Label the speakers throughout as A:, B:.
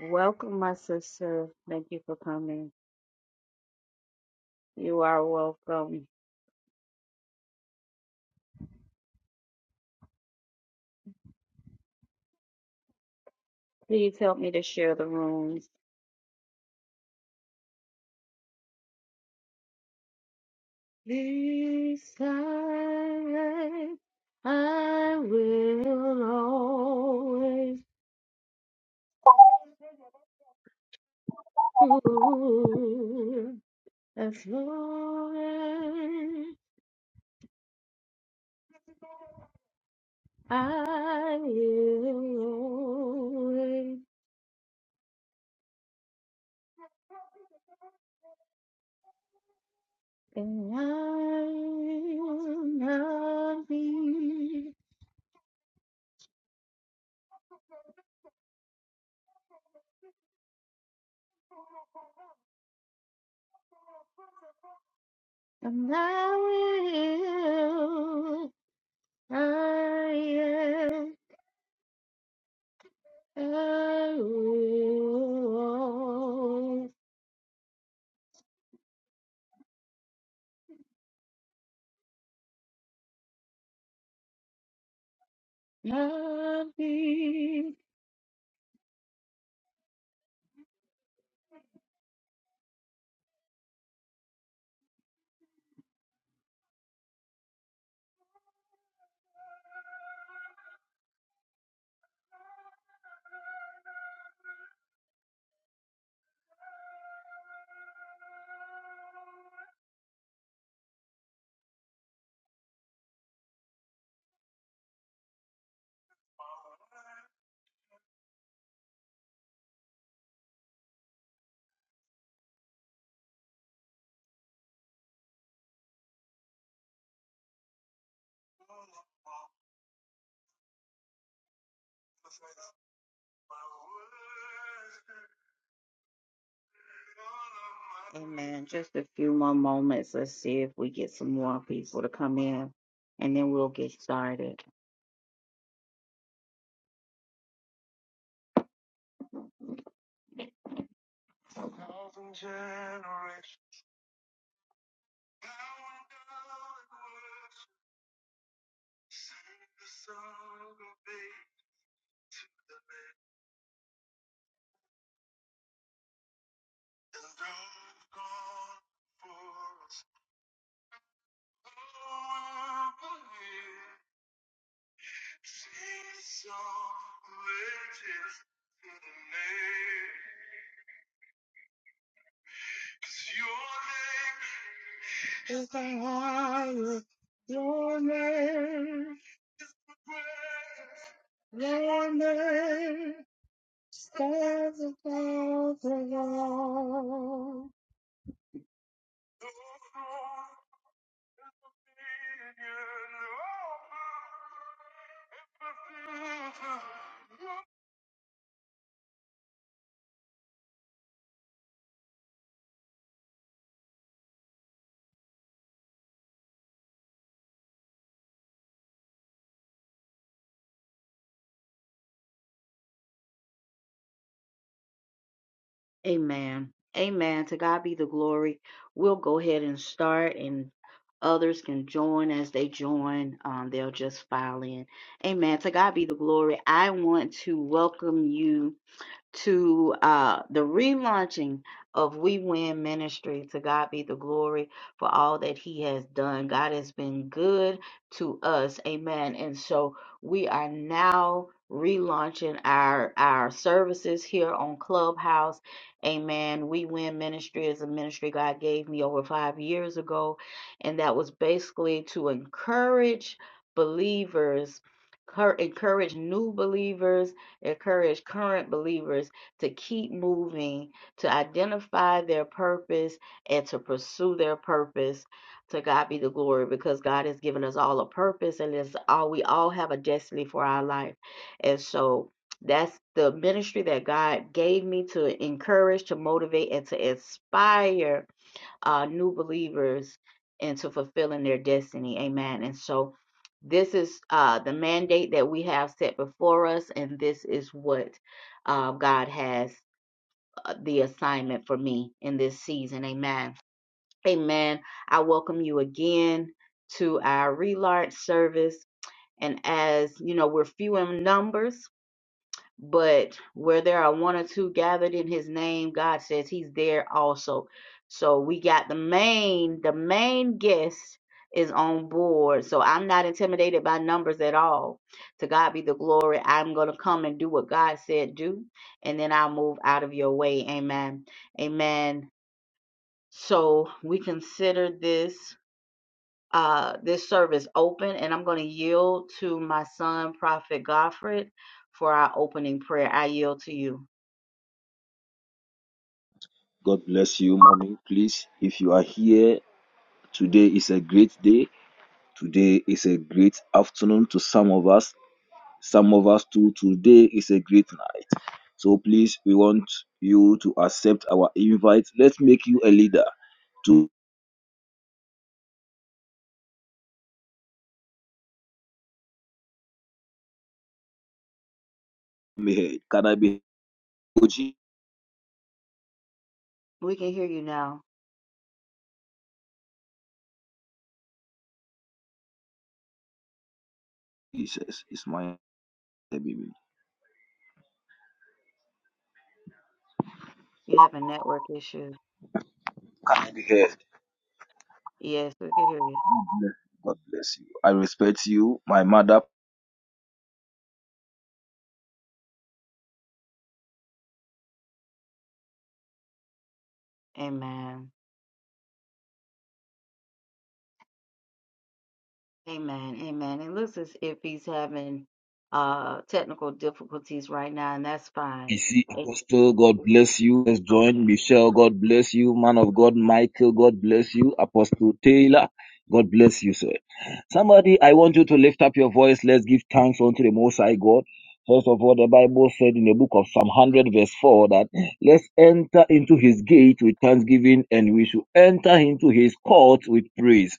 A: Welcome, my sister. Thank you for coming. You are welcome. Please help me to share the rooms. This I will always prove as long as I live, and I will not be, and I will. I am happy. Amen. Just a few more moments. Let's see if we get some more people to come in and then we'll get started. Amen. Amen. To God be the glory. We'll go ahead and start and others can join as they join. Um, they'll just file in. Amen. To God be the glory. I want to welcome you. to uh, the relaunching of We Win Ministry. To God be the glory for all that He has done. God has been good to us. Amen. And so we are now relaunching our our services here on Clubhouse. Amen. We Win Ministry is a ministry God gave me over five years ago, and that was basically to encourage believers. cur- Encourage new believers encourage current believers to keep moving, to identify their purpose, and to pursue their purpose. To God be the glory because God has given us all a purpose and it's all we all have a destiny for our life. And so that's the ministry that God gave me to encourage, to motivate, and to inspire uh, new believers into fulfilling their destiny. Amen. And so this is uh, the mandate that we have set before us, and this is what uh, God has uh, the assignment for me in this season. Amen. Amen. I welcome you again to our relaunch service. And as you know, we're few in numbers, but where there are one or two gathered in his name god says he's there also so we got the main the main guest is on board so i'm not intimidated by numbers at all to god be the glory i'm going to come and do what god said do and then i'll move out of your way amen amen so we consider this uh this service open and i'm going to yield to my son prophet godfred for our opening prayer i yield to you
B: God bless you, mommy. Please, if you are here, today is a great day. Today is a great afternoon to some of us. Some of us too. Today is a great night. So please, we want you to accept our invite. Let's make you a leader. To me, heard. can I be? heard? Oh,
A: We can hear you now.
B: Jesus is my baby.
A: You have a network issue.
B: Can I be heard?
A: Yes, we can hear you.
B: God bless you. I respect you, my mother.
A: Amen. Amen. Amen. It looks as if he's having uh technical difficulties right now, and that's fine.
B: Issy
A: A-
B: Apostle, God bless you. Let's join
A: Okay.
B: Michelle, God bless you. Man of God, Michael, God bless you. Apostle Taylor, God bless you, sir. Somebody, I want you to lift up your voice. Let's give thanks unto the Most High God. First of all, the Bible said in the book of Psalm 100, verse 4, that let's enter into his gate with thanksgiving and we should enter into his court with praise.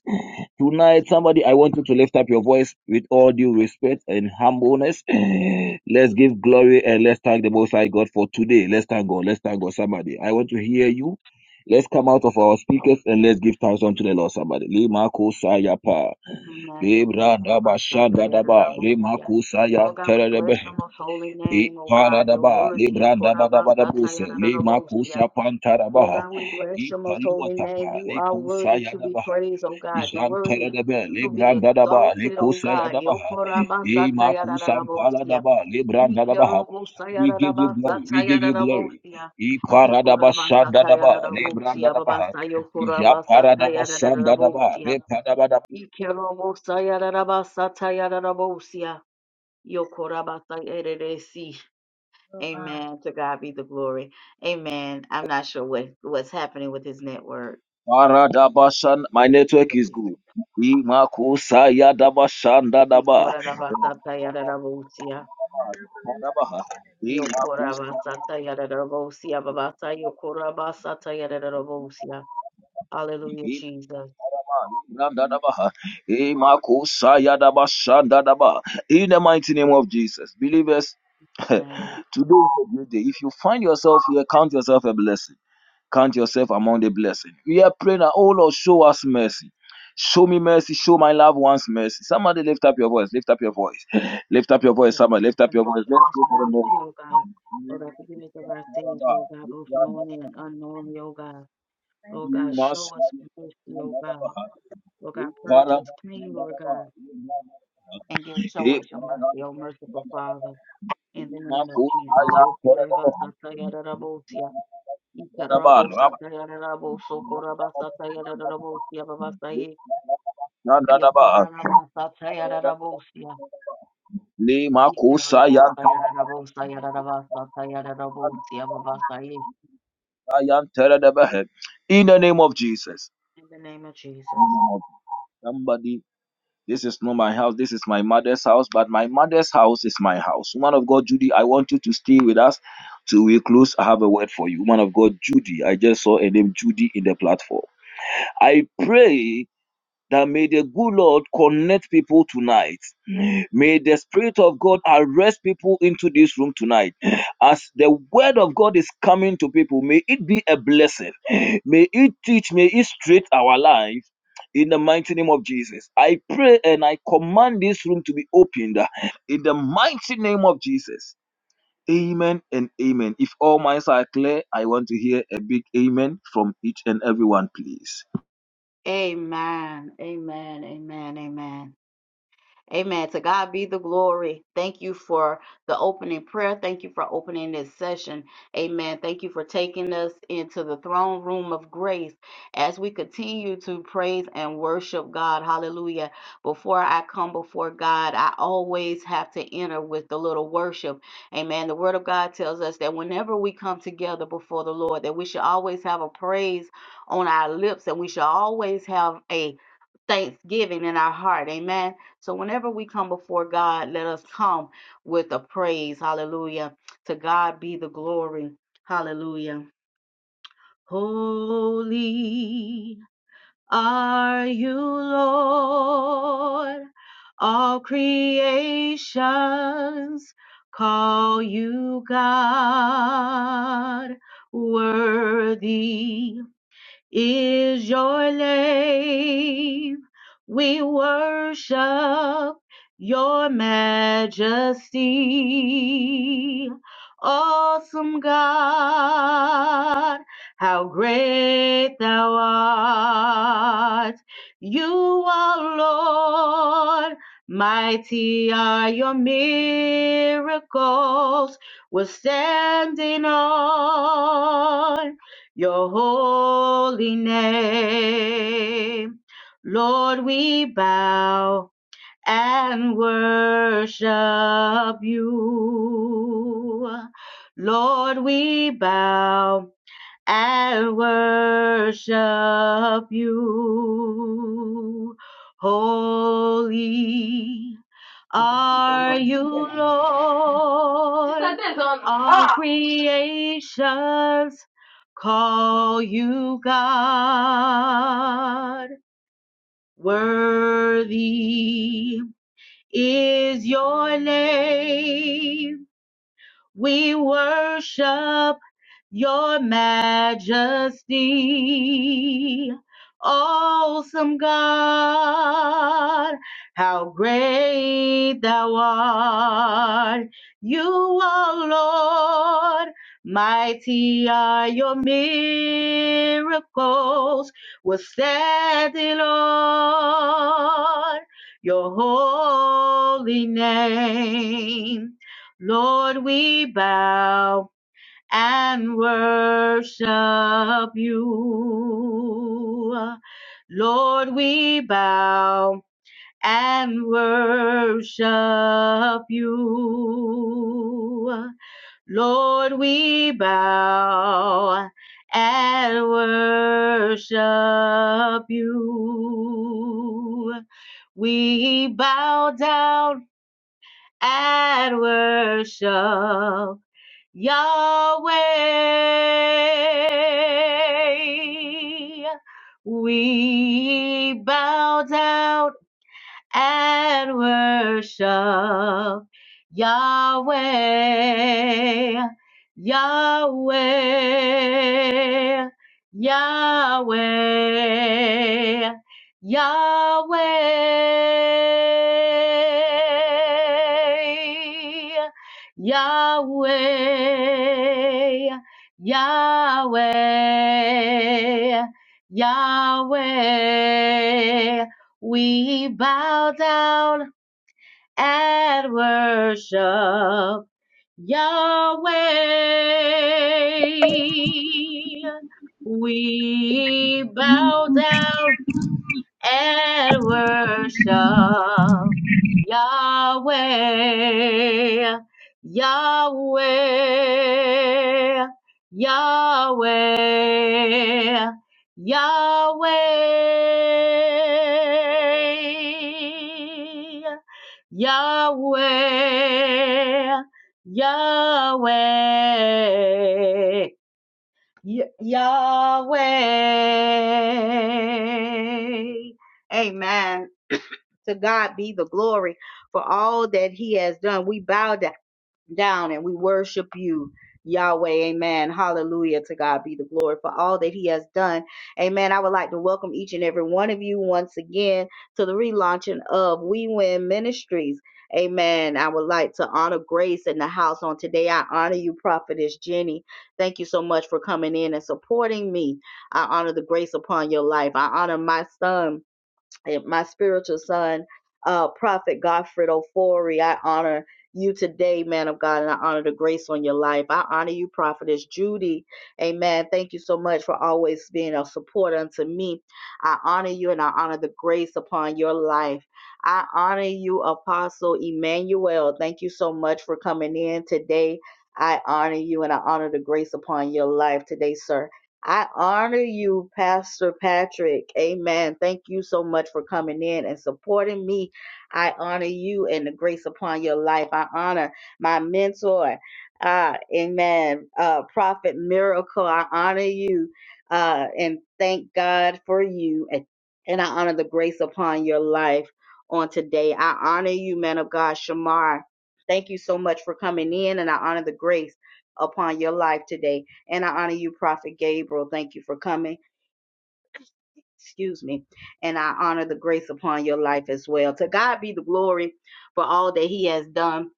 B: Tonight, somebody, I want you to lift up your voice with all due respect and humbleness. let's give glory and let's thank the Most High God for today. Let's thank God. Let's thank God. Somebody, I want to hear you. Let's come out of our speakers and let's give thanks unto the Lord. Somebody, Lima Sayapa,
A: Amen.
B: Libra Daba Shanda Daba, Lima
A: Yokorabasatayarabousia.
B: Kusaya
A: Lord God, we bless
B: Terebe,
A: your most holy
B: E
A: name, oh God, you're
B: Paradaba,
A: worthy.
B: Libra Daba Daba Dabuse, Lima
A: Yokorabasatayarabousia.
B: Kusa
A: Lord
B: Pantarabaha,
A: God, we bless
B: E
A: your most holy name.
B: Paluatapa,
A: You are worthy to
B: Likusaya
A: be praised, oh God. You're worthy
B: Jantedebe,
A: to be
B: Librandadaba,
A: exalted, oh God.
B: Likosayadaba,
A: Yokorabasatayararabosia.
B: Imakusampaladaba, Librandadaba. We give you glory, we give you glory.
A: Ikerobosayararabasatayararabosia.
B: Iparadaba Sandadaba,
A: Ikorabasatayararabosia.
B: Librandadaba, Japaradaba Sandadaba,
A: Babasayokorabasatayararabosia.
B: Repadabadaba.
A: Ikerobosayararabasatayararabosia. Yokorabasayereresi.
C: Lord.
A: Amen. To God be the glory. Amen. I'm not sure what what's happening with his network.
B: Paradaba my network is good. Imakusayadaba Sandadaba,
A: Ikorabasatayararabosia,
B: Repadaba, Imakusa.
A: yokorabasatayararabosia, babasa, yokorabasatayararabosia. Hallelujah, Jesus.
B: In the mighty name of Jesus, believers, today
A: Name.
B: is a great day. If you find yourself here, count yourself a blessing. Count yourself among the blessing. We are praying that, oh Lord, show us mercy. Show me mercy. Show my loved ones mercy. Somebody lift up your voice. Lift up your voice. Lift up your voice.
A: Yes,
B: Somebody
A: Lord
B: lift up
A: God,
B: your voice. Let's
A: show us
B: go for
A: mercy, oh God. Lord, God, forgive us of our sins, Lord God, both knowingly and unknowingly, oh God.
C: Thank
A: Lord
C: you
A: God,
C: for
A: show us mercy, oh God. Lord God, purge
B: the
A: us clean, Lord God.
B: Lord.
A: and give show
B: In
A: us your mercy, O merciful Father, in the name of Jesus. Yokorabasatayararabosia, ikararabosatayararaboso, korabasatayararabosia, babasaye, yokorabasatayararabosia, ikararabosayararabosayararabasatayararabosia, babasaye,
B: the name of Jesus.
A: In the name of Jesus.
B: Somebody, this is not my house, this is my mother's house, but my mother's house is my house. Woman of God, Judy, I want you to stay with us till we close. I have a word for you. Woman of God, Judy, I just saw a name, Judy, in the platform. I pray that may the good Lord connect people tonight. May the Spirit of God arrest people into this room tonight. As the word of God is coming to people, may it be a blessing. May it teach, may it straight our lives. In the mighty name of Jesus, I pray and I command this room to be opened. In the mighty name of Jesus, amen and amen. If all minds are clear, I want to hear a big amen from each and everyone, please.
A: Amen. Amen. Amen. Amen. Amen. To God be the glory. Thank you for the opening prayer. Thank you for opening this session. Amen. Thank you for taking us into the throne room of grace as we continue to praise and worship God. Hallelujah. Before I come before God, I always have to enter with the little worship. Amen. The word of God tells us that whenever we come together before the Lord, that we should always have a praise on our lips and we should always have a thanksgiving in our heart. Amen. So whenever we come before God, let us come with a praise. Hallelujah. To God be the glory. Hallelujah. Holy are you, Lord. All creations call you God. Worthy is your name. We worship your majesty. Awesome God, how great thou art. You are Lord, mighty are your miracles. We're standing on your holy name. Lord, we bow and worship you. Lord, we bow I worship you. Holy are you,
D: Sister,
A: Lord.
D: there's on. Ah!
A: All creations call you God. Worthy is your name. We worship your majesty. Awesome God, how great thou art. You are Lord, mighty are your miracles. We're standing on your holy name. Lord, we bow and worship you. Lord, we bow and worship you. Lord, we bow and worship you. We bow down and worship Yahweh, we bow down and worship Yahweh, Yahweh, Yahweh, Yahweh, Yahweh, Yahweh, Yahweh. We bow down and worship Yahweh. We bow down and worship Yahweh, Yahweh, Yahweh, Yahweh. Yahweh, Yahweh, Y- Yahweh. Amen. To God be the glory for all that He has done. We bow down down and we worship you. Yahweh, amen. Hallelujah. To God be the glory for all that he has done. Amen. I would like to welcome each and every one of you once again to the relaunching of We Win Ministries. Amen. I would like to honor Grace in the house on today. I honor you, Prophetess Jenny. Thank you so much for coming in and supporting me. I honor the grace upon your life. I honor my son and my spiritual son, uh, Prophet Godfred Ofori. I honor you today, man of God, and I honor the grace on your life. I honor you, Prophetess Judy. Amen. Thank you so much for always being a support unto me. I honor you and I honor the grace upon your life. I honor you, Apostle Emmanuel. Thank you so much for coming in today. I honor you and I honor the grace upon your life today, sir. I honor you, Pastor Patrick. Amen. Thank you so much for coming in and supporting me. I honor you and the grace upon your life. I honor my mentor. Uh, amen. Uh, Prophet Miracle, I honor you uh, and thank God for you. And, and I honor the grace upon your life on today. I honor you, man of God, Shamar. Thank you so much for coming in, and I honor the grace upon your life today. And I honor you, Prophet Gabriel. Thank you for coming. Excuse me. And I honor the grace upon your life as well. To God be the glory for all that He has done.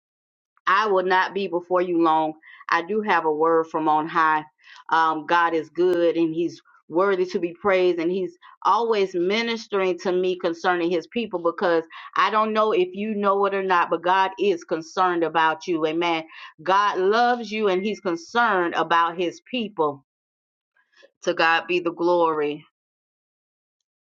A: I will not be before you long. I do have a word from on high. Um, God is good and He's worthy to be praised, and He's always ministering to me concerning His people because I don't know if you know it or not, but God is concerned about you. Amen. God loves you and He's concerned about His people. To God be the glory.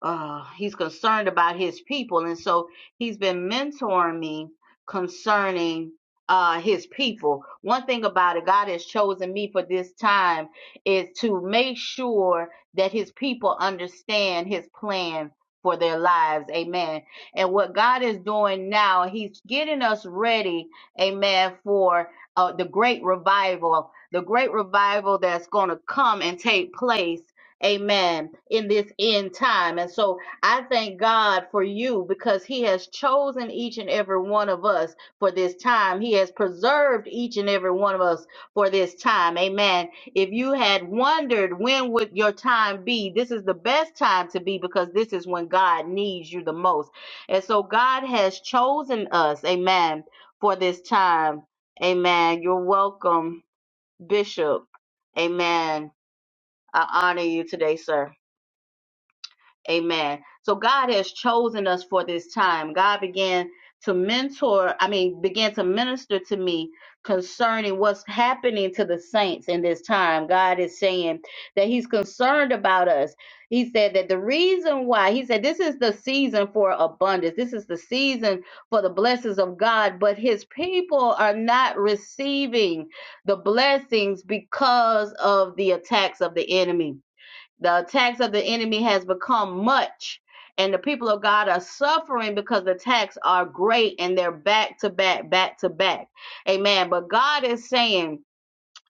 A: Uh, he's concerned about his people. And so he's been mentoring me concerning uh, his people. One thing about it, God has chosen me for this time is to make sure that his people understand his plan for their lives. Amen. And what God is doing now, he's getting us ready. Amen. For uh, the great revival, the great revival that's going to come and take place amen, in this end time. And so I thank God for you because He has chosen each and every one of us for this time. He has preserved each and every one of us for this time, amen. If you had wondered when would your time be, this is the best time to be because this is when God needs you the most. And so God has chosen us, amen, for this time. Amen. You're welcome, Bishop. Amen. I honor you today, sir. Amen. So God has chosen us for this time. God began to mentor, I mean, began to minister to me concerning what's happening to the saints in this time. God is saying that He's concerned about us. He said that the reason why, He said, this is the season for abundance, this is the season for the blessings of God, but His people are not receiving the blessings because of the attacks of the enemy the attacks of the enemy has become much, and the people of God are suffering because the attacks are great and they're back to back, back to back. Amen. But God is saying,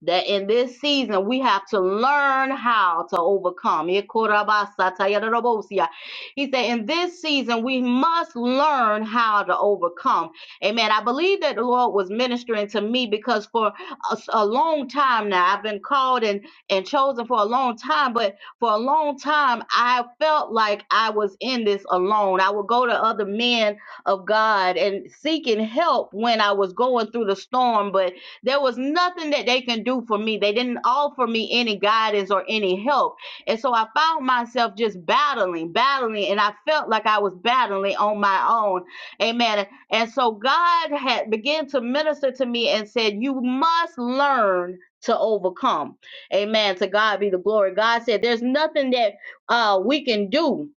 A: that in this season we have to learn how to overcome. Ikorabasatayarabosia. He said, in this season we must learn how to overcome. Amen. I believe that the Lord was ministering to me because for a a long time now I've been called and and chosen for a long time, but for a long time I felt like I was in this alone. I would go to other men of God and seeking help when I was going through the storm, but there was nothing that they can do for me. They didn't offer me any guidance or any help. And so I found myself just battling, battling, and I felt like I was battling on my own. Amen. And so God had began to minister to me and said, You must learn to overcome. Amen. To God be the glory. God said, There's nothing that uh, we can do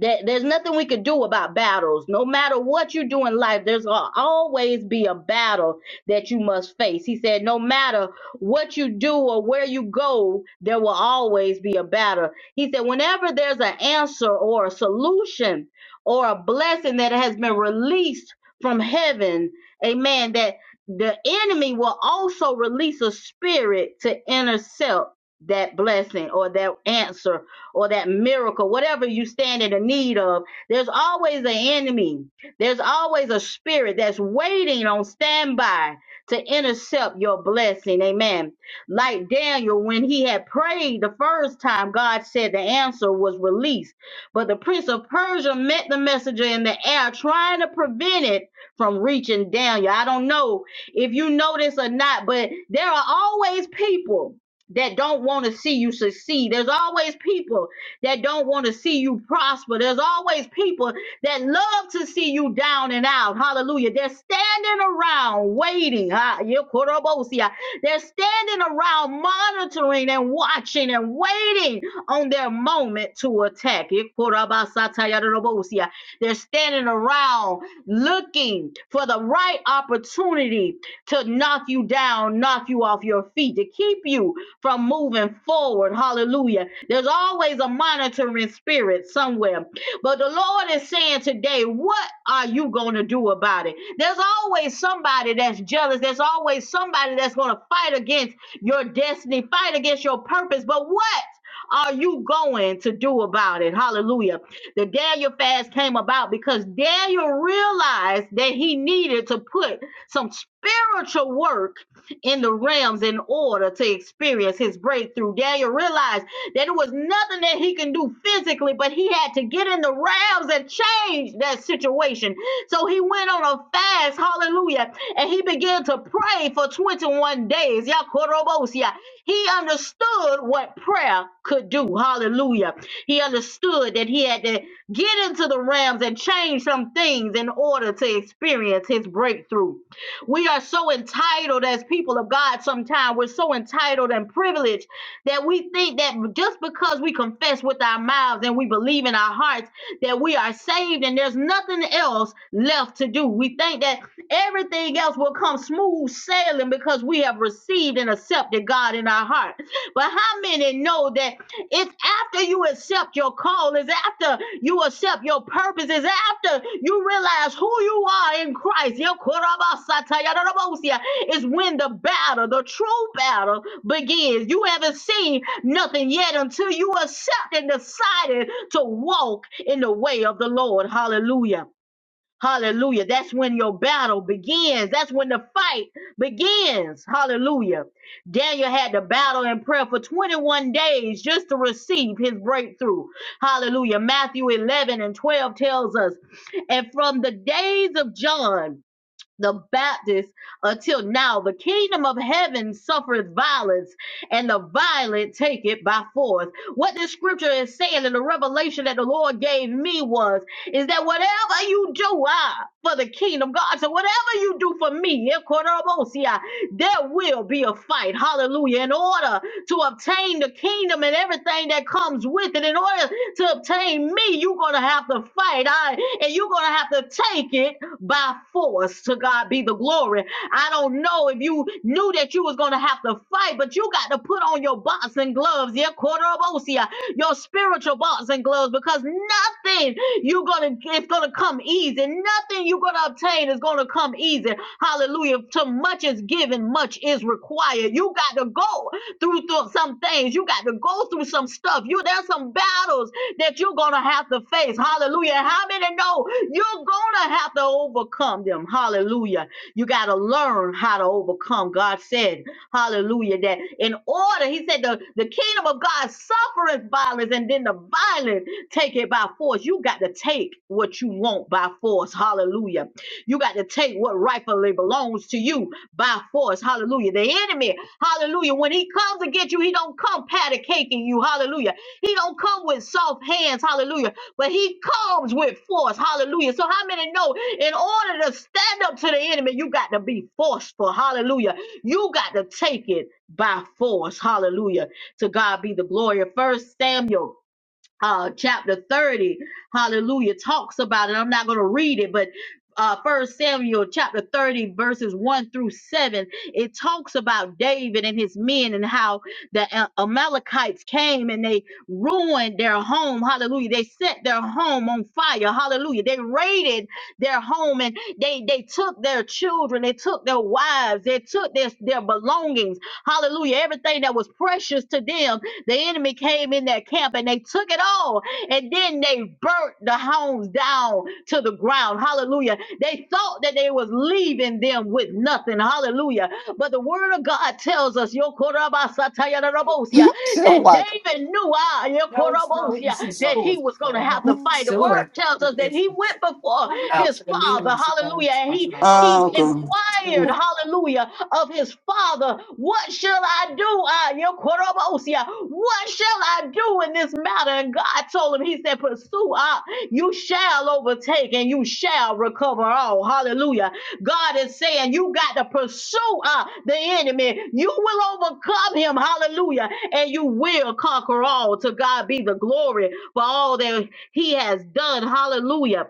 A: that there's nothing we could do about battles. No matter what you do in life, there's al- always be a battle that you must face. He said, no matter what you do or where you go, there will always be a battle. He said, whenever there's an answer or a solution or a blessing that has been released from heaven, amen, that the enemy will also release a spirit to intercept that blessing or that answer or that miracle, whatever you stand in the need of, there's always an enemy. There's always a spirit that's waiting on standby to intercept your blessing. Amen. Like Daniel, when he had prayed the first time, God said the answer was released. But the prince of Persia met the messenger trying to prevent it from reaching Daniel. I don't know if you notice, uh, there are always people. that to see you succeed. There's always people that don't want to see you prosper. There's always people that love to see you down and out. Hallelujah. They're standing around waiting. Ah, yekorobosia. They're standing around monitoring and watching and waiting on their moment to attack. Yekorabasatayarorobosia. They're standing around looking for the right opportunity to knock you down, knock you off your feet, to keep you from moving forward. Hallelujah. There's always a monitoring spirit somewhere. But the Lord is saying today, what are you going to do about it? There's always somebody that's jealous. There's always somebody that's going to fight against your destiny, fight against your purpose. But what are you going to do about it? Hallelujah. The Daniel fast came about because Daniel realized that he needed to put some spiritual work in the realms in order to experience his breakthrough. Daniel realized there was nothing that he can do physically, but he had to get in the realms and change that situation. So he went on a fast, hallelujah, and he began to pray for 21 days. Ya korobosia. He understood what prayer could do. Hallelujah. He understood that he had to get into the realms and change some things in order to experience his breakthrough. We are so entitled as people of God sometimes. We're so entitled and privileged that we think that just because we confess with our mouths and we believe in our hearts that we are saved and there's nothing else left to do. We think that everything else will come smooth sailing because we have received and accepted God in our heart. But how many know that? It's after you accept your call. It's after you accept your purpose. It's after you realize who you are in Christ. Yo, korabasata, yadadabosia. It's when the battle, the true battle, begins. You haven't seen nothing yet until you accept and decided to walk in the way of the Lord. Hallelujah. Hallelujah. That's when your battle begins. That's when the fight begins. Hallelujah. Daniel had to battle in prayer for 21 days just to receive his breakthrough. Hallelujah. Matthew 11 and 12 tells us, and from the days of John, the Baptist until now. The kingdom of heaven suffereth violence, and the violent take it by force. What this scripture is saying, and the revelation that the Lord gave me was, is that whatever you do I, for the kingdom, God, so whatever you do for me, eh, Korobosia, there will be a fight. Hallelujah. In order to obtain the kingdom and everything that comes with it, in order to obtain me, you're going to have to fight, I, and you're going to have to take it by force. To God be the glory. I don't know if you knew that you was going to have to fight, but you got to put on your boxing gloves, yeah, quarterobosia, your spiritual boxing gloves, because nothing you're going to, it's going to come easy. Nothing you're going to obtain is going to come easy. Hallelujah. To much is given, much is required. You got to go through, through some things. You got to go through some stuff. You, there's some battles that you're going to have to face. Hallelujah. How many know you're gonna have to overcome them. Hallelujah. You gotta learn how to overcome. God said, Hallelujah, that in order, He said, the, the kingdom of God suffereth violence, and then the violent take it by force. You got to take what you want by force. Hallelujah. You got to take what rightfully belongs to you by force. Hallelujah. The enemy, hallelujah, when he comes to get you, he don't come pat a cake in you. Hallelujah. He don't come with soft hands. Hallelujah but he comes with force. Hallelujah. So how many know in order to stand up to the enemy, you got to be forceful. Hallelujah. You got to take it by force. Hallelujah. To God be the glory. First Samuel uh, chapter 30, hallelujah, talks about it. I'm not going to read it, but uh, 1 Samuel chapter 30, verses 1 through 7, it talks about David and his men and how the uh, Amalekites came and they ruined their home. Hallelujah. They set their home on fire. Hallelujah. They raided their home and they, they took their children, they took their wives, they took their, their belongings. Hallelujah. Everything that was precious to them, the enemy came in that camp and they took it all. And then they burnt the homes down to the ground. Hallelujah. They thought that they was leaving them with nothing. Hallelujah. But the word of God tells us, Yokorabasatayarabosia, that
E: Still what?
A: David knew ah, Yokorabosia, that he was going to have to fight. The word tells us that he went before his father. Hallelujah. And he, he
E: Oh, good.
A: inquired, hallelujah, of his father. What shall I do? Ah, yeah, Korobosia. What shall I do in this matter? And God told him, He said, Pursue up. You shall overtake and you shall recover all. Hallelujah. God is saying, You got to pursue uh, the enemy. You will overcome him. Hallelujah. And you will conquer all. To God be the glory for all that he has done. Hallelujah.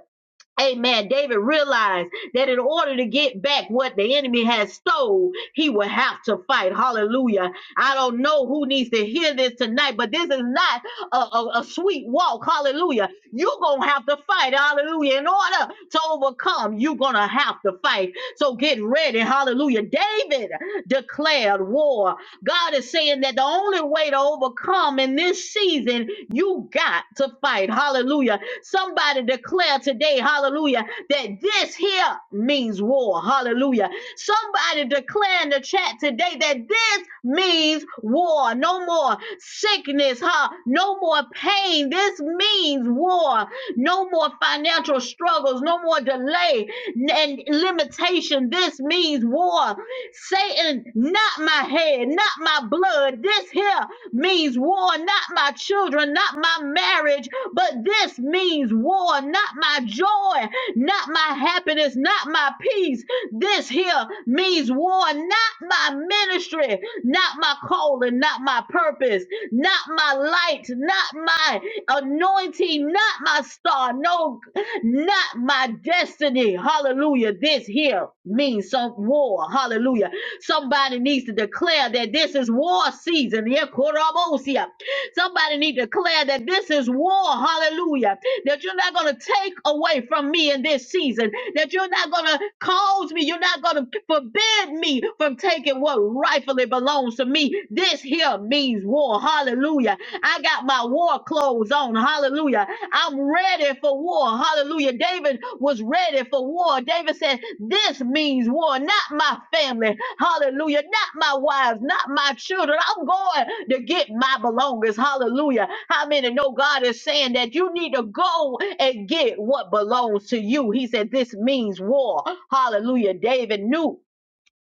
A: Amen. David realized that in order to get back what the enemy has stole, he will have to fight. Hallelujah. I don't know who needs to hear this tonight, but this is not a, a, a sweet walk. Hallelujah. You're going to have to fight. Hallelujah. In order to overcome, you're going to have to fight. So get ready. Hallelujah. David declared war. God is saying that the only way to overcome in this season, you got to fight. Hallelujah. Somebody declare today, hallelujah, that this here means war. Hallelujah. Somebody declare in the chat today that this means war. No more sickness, huh? No more pain. This means war. No more financial struggles, no more delay and limitation. This means war. Satan, not my head, not my blood. This here means war, not my children, not my marriage but this means war, not my joy, not my happiness, not my peace. This here means war, not my ministry, not my calling, not my purpose, not my light, not my anointing, not my star, no, not my destiny. Hallelujah. This here means some war. Hallelujah. Somebody needs to declare that this is war season. Yeah, Korobosia. Somebody need to declare that this is war, hallelujah. That you're not going to take away from me in this season. That you're not going to cause me, you're not going to forbid me from taking what rightfully belongs to me. This here means war, hallelujah. I got my war clothes on. Hallelujah. I'm ready for war. Hallelujah. David was ready for war. David said, This means war, not my family. Hallelujah. Not my wives, not my children. I'm going to get my belongings. Hallelujah. How many know God is saying that you need to go and get what belongs to you? He said, This means war. Hallelujah. David knew.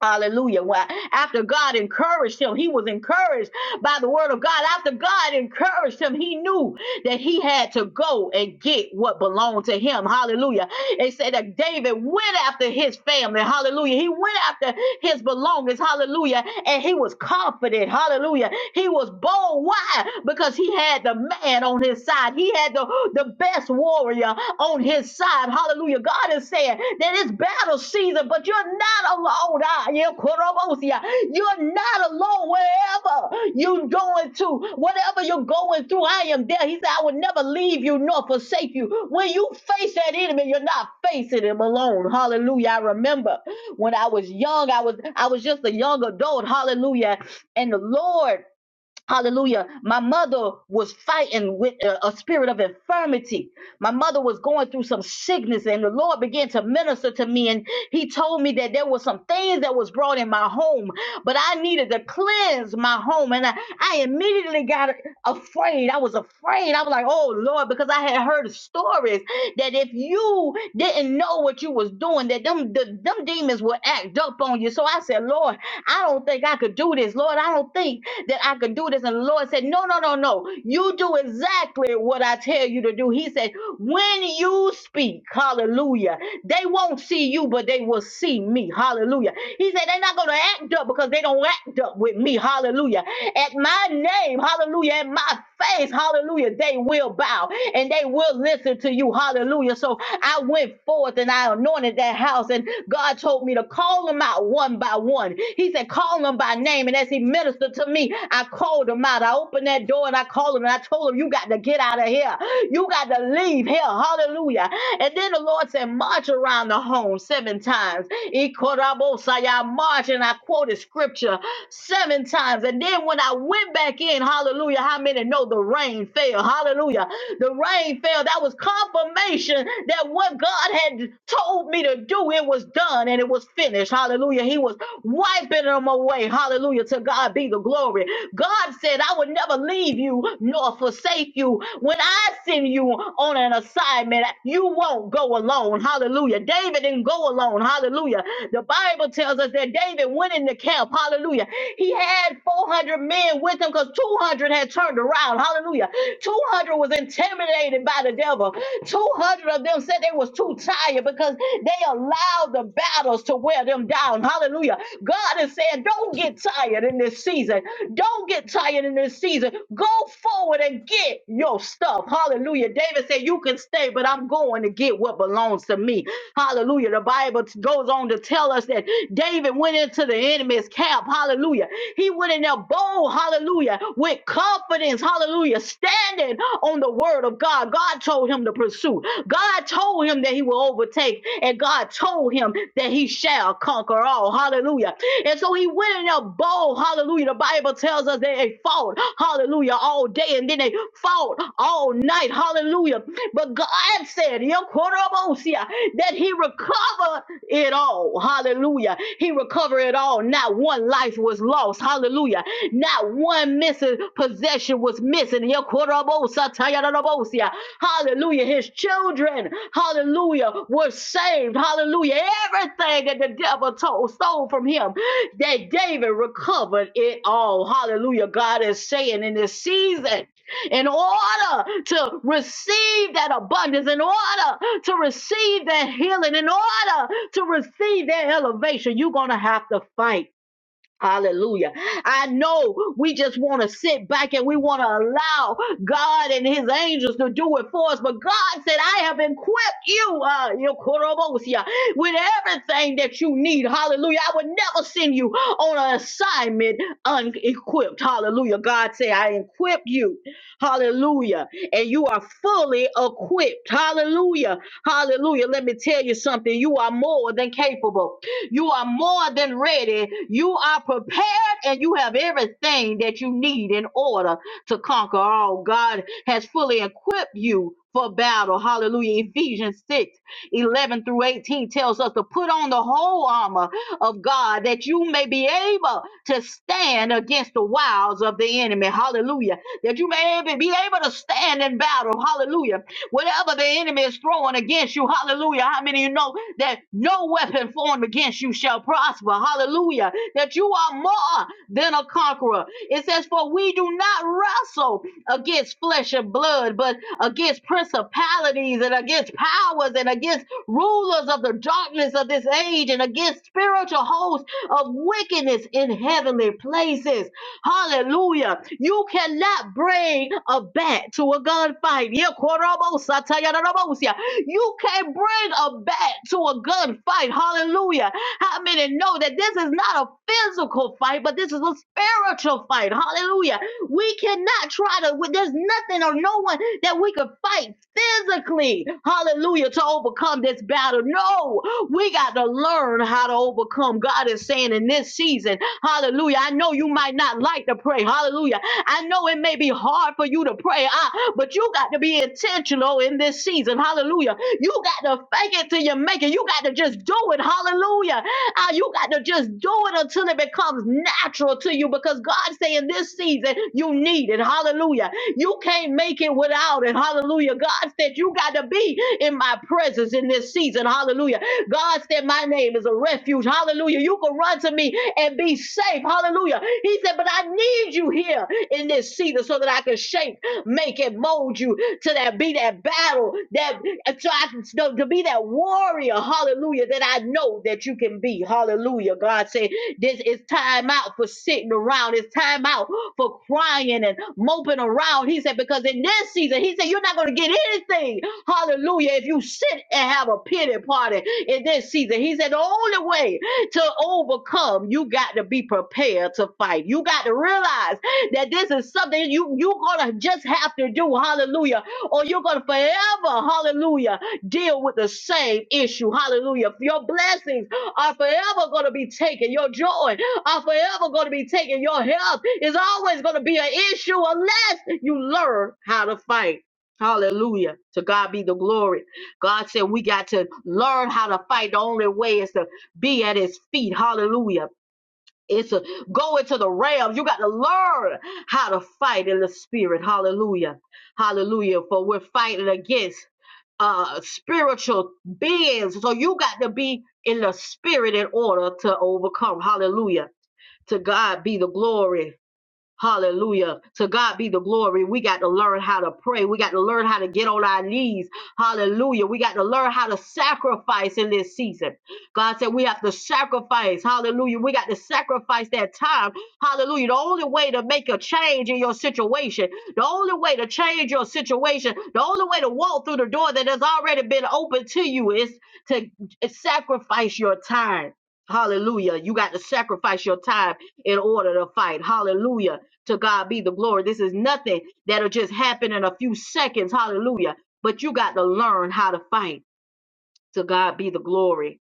A: Hallelujah. Why? After God encouraged him, he was encouraged by the word of God. After God encouraged him, he knew that he had to go and get what belonged to him. Hallelujah. It said that David went after his family. Hallelujah. He went after his belongings. Hallelujah. And he was confident. Hallelujah. He was bold. Why? Because he had the man on his side. He had the, the best warrior on his side side. Hallelujah. God is saying that it's battle season, but you're not alone. Ah, yeah, Korobosia. You're not alone wherever you're going to, whatever you're going through. I am there. He said, I will never leave you nor forsake you. When you face that enemy, you're not facing him alone. Hallelujah. I remember when I was young, I was I was just a young adult. Hallelujah. And the Lord Hallelujah. My mother was fighting with a, a spirit of infirmity. My mother was going through some sickness and the Lord began to minister to me and he told me that there were some things that was brought in my home, but I needed to cleanse my home and I, I immediately got afraid. I was afraid. I was like, "Oh Lord," because I had heard stories that if you didn't know what you was doing, that them the, them demons would act up on you. So I said, "Lord, I don't think I could do this. Lord, I don't think that I could do this. And the Lord said, No, no, no, no. You do exactly what I tell you to do. He said, When you speak, hallelujah, they won't see you, but they will see me. Hallelujah. He said, They're not going to act up because they don't act up with me. Hallelujah. At my name, hallelujah, at my face, hallelujah, they will bow and they will listen to you. Hallelujah. So I went forth and I anointed that house. And God told me to call them out one by one. He said, call them by name. And as he ministered to me, I called them out. I opened that door and I called them and I told them, you got to get out of here. You got to leave here. Hallelujah. And then the Lord said, march around the home seven times. Ikorabosaya, March. And I quoted scripture seven times. And then when I went back in, hallelujah, how many know the rain fell? Hallelujah. The rain fell. That was confirmation that what God had told me to do, it was done and it was finished. Hallelujah. He was wiping them away. Hallelujah. To God be the glory. God said, I would never leave you nor forsake you. When I send you on an assignment, you won't go alone. Hallelujah. David didn't go alone. Hallelujah. The Bible tells us that David went in the camp. Hallelujah. He had 400 men with him because 200 had turned around. Hallelujah. 200 was intimidated by the devil. 200 of them said they was too tired because they allowed the battles to wear them down. Hallelujah. God is saying, don't get tired in this season. Don't get tired in this season. Go forward and get your stuff. Hallelujah. David said, You can stay, but I'm going to get what belongs to me. Hallelujah. The Bible goes on to tell us that David went into the enemy's camp. Hallelujah. He went in there bold, hallelujah, with confidence, hallelujah, standing on the word of God. God told him to pursue. God told him that he will overtake, and God told him that he shall conquer all. Hallelujah. And so he went in there bold, hallelujah. The Bible tells us that they fought, hallelujah, all day, and then they fought all night, hallelujah. But God said, "Yo, Korobosia," that he recovered it all. Hallelujah. He recovered it all. Not one life was lost. Hallelujah. Not one missing possession was missing. Yekorobosatayarabosia. Hallelujah. His children, hallelujah, were saved. Hallelujah. Everything that the devil told, stole from him, that David recovered it all. Hallelujah. God is saying in this season, in order to receive that abundance, in order to receive that healing, in order to receive that elevation, you're going to have to fight. Hallelujah. I know we just want to sit back and we want to allow God and his angels to do it for us. But God said, I have equipped you, uh, your korobosia, with everything that you need. Hallelujah. I would never send you on an assignment unequipped. Hallelujah. God said, I equipped you. Hallelujah. And you are fully equipped. Hallelujah. Hallelujah. Let me tell you something. You are more than capable. You are more than ready. You are prepared and you have everything that you need in order to conquer all. God has fully equipped you for battle. Hallelujah. Ephesians 6 11 through 18 tells us to put on the whole armor of God that you may be able to stand against the wiles of the enemy. Hallelujah. That you may be be able to stand in battle. Hallelujah. Whatever the enemy is throwing against you. Hallelujah. How many of you know? that no weapon formed against you shall prosper. Hallelujah. That you are more than a conqueror. It says, For we do not wrestle against flesh and blood, but against principalities and against powers and against rulers of the darkness of this age and against spiritual hosts of wickedness in heavenly places. Hallelujah. You cannot bring a bat to a gunfight. Yeah, you can't bring a bat to a good fight. Hallelujah. How many know that this is not a physical fight, but this is a spiritual fight? Hallelujah. We cannot try to, there's nothing or no one that we could fight physically. Hallelujah. To overcome this battle. No. We got to learn how to overcome. God is saying in this season, hallelujah. I know you might not like to pray, hallelujah. I know it may be hard for you to pray, ah, but you got to be intentional in this season, hallelujah. You got to fake it till you make it. You got to just do it, hallelujah. Ah, you got to just do it until it becomes natural to you because God's saying this season you need it, hallelujah. You can't make it without it. Hallelujah. God said you got to be in my presence in this season. Hallelujah. God said, My name is a refuge. Hallelujah. You can run to me and be safe. Hallelujah. He said, But I need you here in this season so that I can shape, make, and mold you to that be that battle, that so I can so to be that warrior, hallelujah, that I know that you can be. Hallelujah. God said, This is time out for sitting around. It's time out for crying and moping around. He said, Because in this season, he said, You're not gonna get anything Hallelujah. If you sit and have a pity party in this season, he said the only way to overcome, you got to be prepared to fight. You got to realize that this is something you, you're going to just have to do. Hallelujah. Or you're going to forever, hallelujah, deal with the same issue. Hallelujah. Your blessings are forever going to be taken. Your joy are forever going to be taken. Your health is always going to be an issue unless you learn how to fight. Hallelujah. To God be the glory. God said we got to learn how to fight. The only way is to be at his feet. Hallelujah. It's a go into the realm. You got to learn how to fight in the spirit. Hallelujah. Hallelujah. For we're fighting against uh spiritual beings. So you got to be in the spirit in order to overcome. Hallelujah. To God be the glory. Hallelujah. To God be the glory. We got to learn how to pray. We got to learn how to get on our knees. Hallelujah. We got to learn how to sacrifice in this season. God said we have to sacrifice. Hallelujah. We got to sacrifice that time. Hallelujah. The only way to make a change in your situation, the only way to change your situation, the only way to walk through the door that has already been opened to you is to sacrifice your time. Hallelujah. You got to sacrifice your time in order to fight. Hallelujah. To God be the glory. This is nothing that'll just happen in a few seconds. Hallelujah. But you got to learn how to fight. To God be the glory.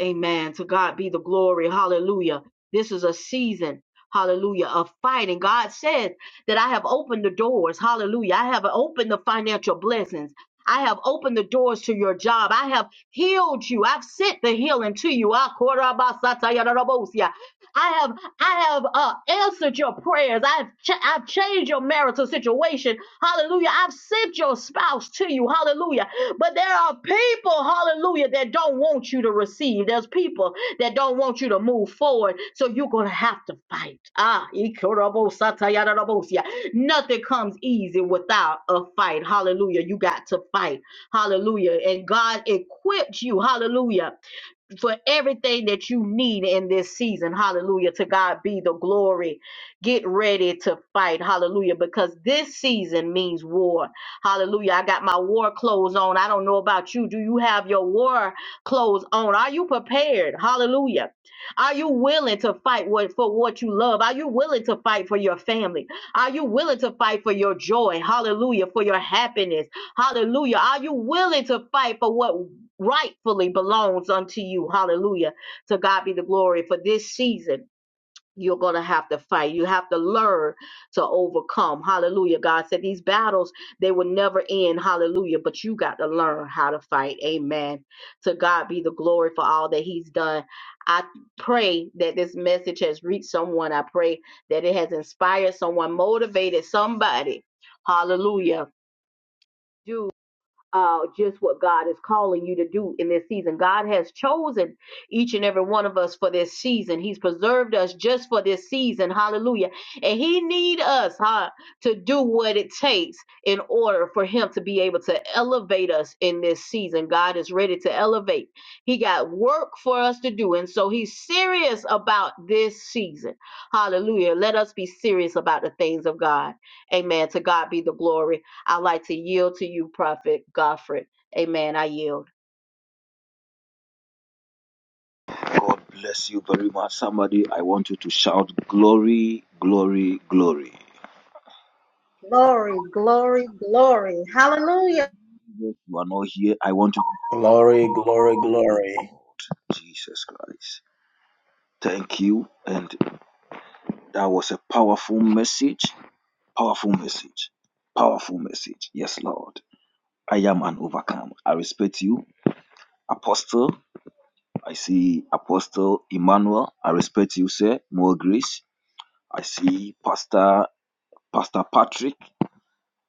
A: Amen. To God be the glory. Hallelujah. This is a season, hallelujah, of fighting. God says that I have opened the doors. Hallelujah. I have opened the financial blessings. I have opened the doors to your job. I have healed you. I've sent the healing to you. Ah, korabasatayarabosia. I have I have uh, answered your prayers. I've cha- I've changed your marital situation. Hallelujah. I've sent your spouse to you. Hallelujah. But there are people, hallelujah, that don't want you to receive. There's people that don't want you to move forward. So you're going to have to fight. Ah, ikorobosatayarabosia. nothing comes easy without a fight. Hallelujah. You got to fight. Hallelujah. And God equipped you. Hallelujah for everything that you need in this season. Hallelujah. To God be the glory. Get ready to fight. Hallelujah. Because this season means war. Hallelujah. I got my war clothes on. I don't know about you. Do you have your war clothes on? Are you prepared? Hallelujah. Are you willing to fight what, for what you love? Are you willing to fight for your family? Are you willing to fight for your joy? Hallelujah. For your happiness. Hallelujah. Are you willing to fight for what rightfully belongs unto you. Hallelujah. To God be the glory for this season. You're going to have to fight. You have to learn to overcome. Hallelujah. God said these battles, they will never end. Hallelujah. But you got to learn how to fight. Amen. To God be the glory for all that He's done. I pray that this message has reached someone. I pray that it has inspired someone, motivated somebody. Hallelujah. Do uh, just what God is calling you to do in this season. God has chosen each and every one of us for this season. He's preserved us just for this season. Hallelujah. And He need us, huh, to do what it takes in order for Him to be able to elevate us in this season. God is ready to elevate. He got work for us to do, and so He's serious about this season. Hallelujah. Let us be serious about the things of God. Amen. To God be the glory. I'd like to yield to you, Prophet Godfrey. Amen. I yield.
B: God bless you very much. Somebody, I want you to shout glory, glory, glory.
C: glory, glory, glory. Hallelujah.
B: If you are not here, I want you to
F: Glory, glory,
B: thank
F: glory.
B: God, Jesus Christ. Thank you. And that was a powerful message. Powerful message. Powerful message. Yes, Lord. I am an overcomer. I respect you. Apostle, I see Apostle Emmanuel. I respect you, sir. More grace. I see Pastor Pastor Patrick.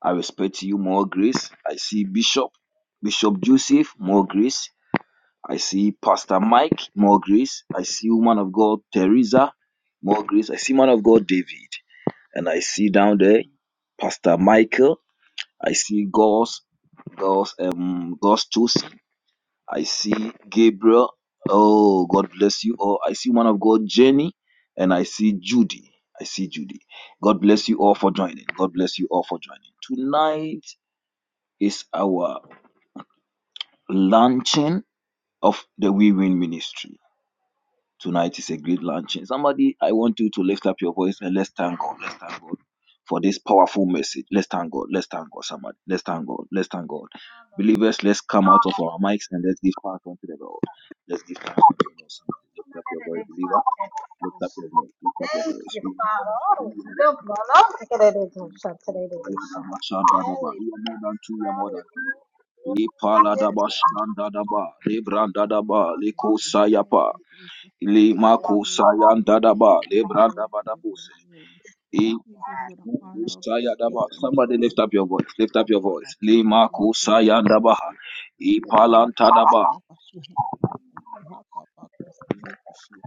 B: I respect you, more grace. I see Bishop, Bishop Joseph, more grace. I see Pastor Mike, more grace. I see woman of God Teresa, more grace. I see man of God David, and I see down there Pastor Michael. I see God's God's um God's chosen. I see Gabriel. Oh, God bless you. all. I see one of God Jenny, and I see Judy. I see Judy. God bless you all for joining. God bless you all for joining. Tonight is our launching of the We Win Ministry. Tonight is a great launching. Somebody, I want you to lift up your voice and let's thank God. Let's thank God for this powerful message. Let's thank God. Let's thank God. Somebody, let's thank God. Let's thank God. Believers, let's come out of our mics and let's give thanks unto the Lord. Let's give thanks unto the Lord. Somebody, lift up your voice, believer. Lift up your voice. Lift up your
C: Thank you, Father. Oh,
B: voice.
C: look, my Lord. Oh, look at it. It's shut today. It is shut.
B: Yadamashandadaba.
C: Holy,
B: You are more than two, you are more than
C: holy,
B: two.
C: glory to your name.
G: and
B: Ipaladaba
G: people so yeah, God, I
B: lebrandadaba,
G: just give you thanks. Lord,
B: likosayapa,
G: we thank you. We glorify you. We
B: limakusayandadaba,
G: give you the praise. We give you the
B: lebrandabadabuse.
G: glory. We give you the honor of that. Take
B: Ikusayadaba.
G: you, make
B: Somebody
G: us
B: lift up
G: sorrow,
B: your
G: but
B: voice.
G: see
B: Lift up
G: our
B: your
G: heart of
B: voice.
G: us. you are not about to take
B: Lima
G: you, make us sorrow, but
B: kusayandaba.
G: you are- take you, make us
B: Ipalantadaba.
G: sorrow, but see our heart of us. you are not about to have a back us, give you the shield.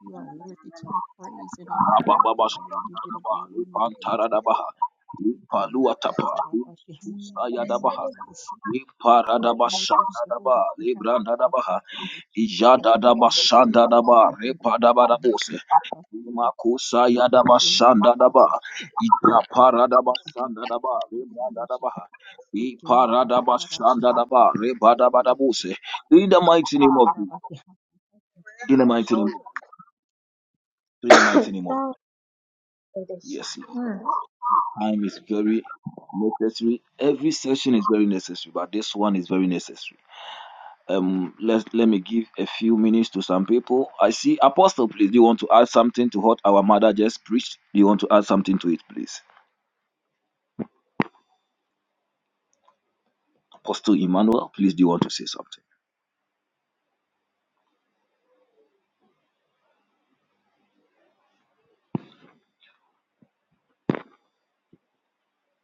G: You are worthy to
C: Hallelujah.
G: be praised and
C: Hallelujah.
G: adored, O
B: Abababa
G: God.
C: Hallelujah.
G: We give you the
B: shandadaba.
G: glory and the praise,
B: Lipantaradaba.
G: Father God. We give you the thanks,
B: Lipaluatapa.
G: Lord,
B: Likusayadaba.
G: about you.
B: Liparadaba
G: Ikemeko sobo
B: shandadaba.
G: boshi hata
B: Lebrandadaba.
G: papa siri boshi.
B: Ijadadaba
G: Ikemeko siri
B: shandadaba
G: boshi hiri boshi hata
B: repadabadabose.
G: papa siri boshi.
B: Makusa yadaba
G: Ikemeko
B: shandadaba.
G: sapa shi hata papa sira
B: Ijaparadaba
G: boshi hita
B: shandadaba
G: papa siri boshi.
B: rebradadaba.
G: Ikemeko
B: Iparadaba
G: sara boshi hata
B: shandadaba
G: papa siri boshi.
B: rebadabadabose. In the mighty
G: Ikemeko
B: name of
G: sara
B: You,
G: boshi hata papa siri
B: In the mighty
G: boshi.
B: name of In the mighty name of
C: Hallelujah. It is
B: Yes,
C: shut.
B: Lord.
C: Mm.
B: Time is very necessary. Every session is very necessary, but this one is very necessary. Um, let let me give a few minutes to some people. I see Apostle, please. Do you want to add something to what our mother just preached? Do you want to add something to it, please? Apostle Emmanuel, please. Do you want to say something?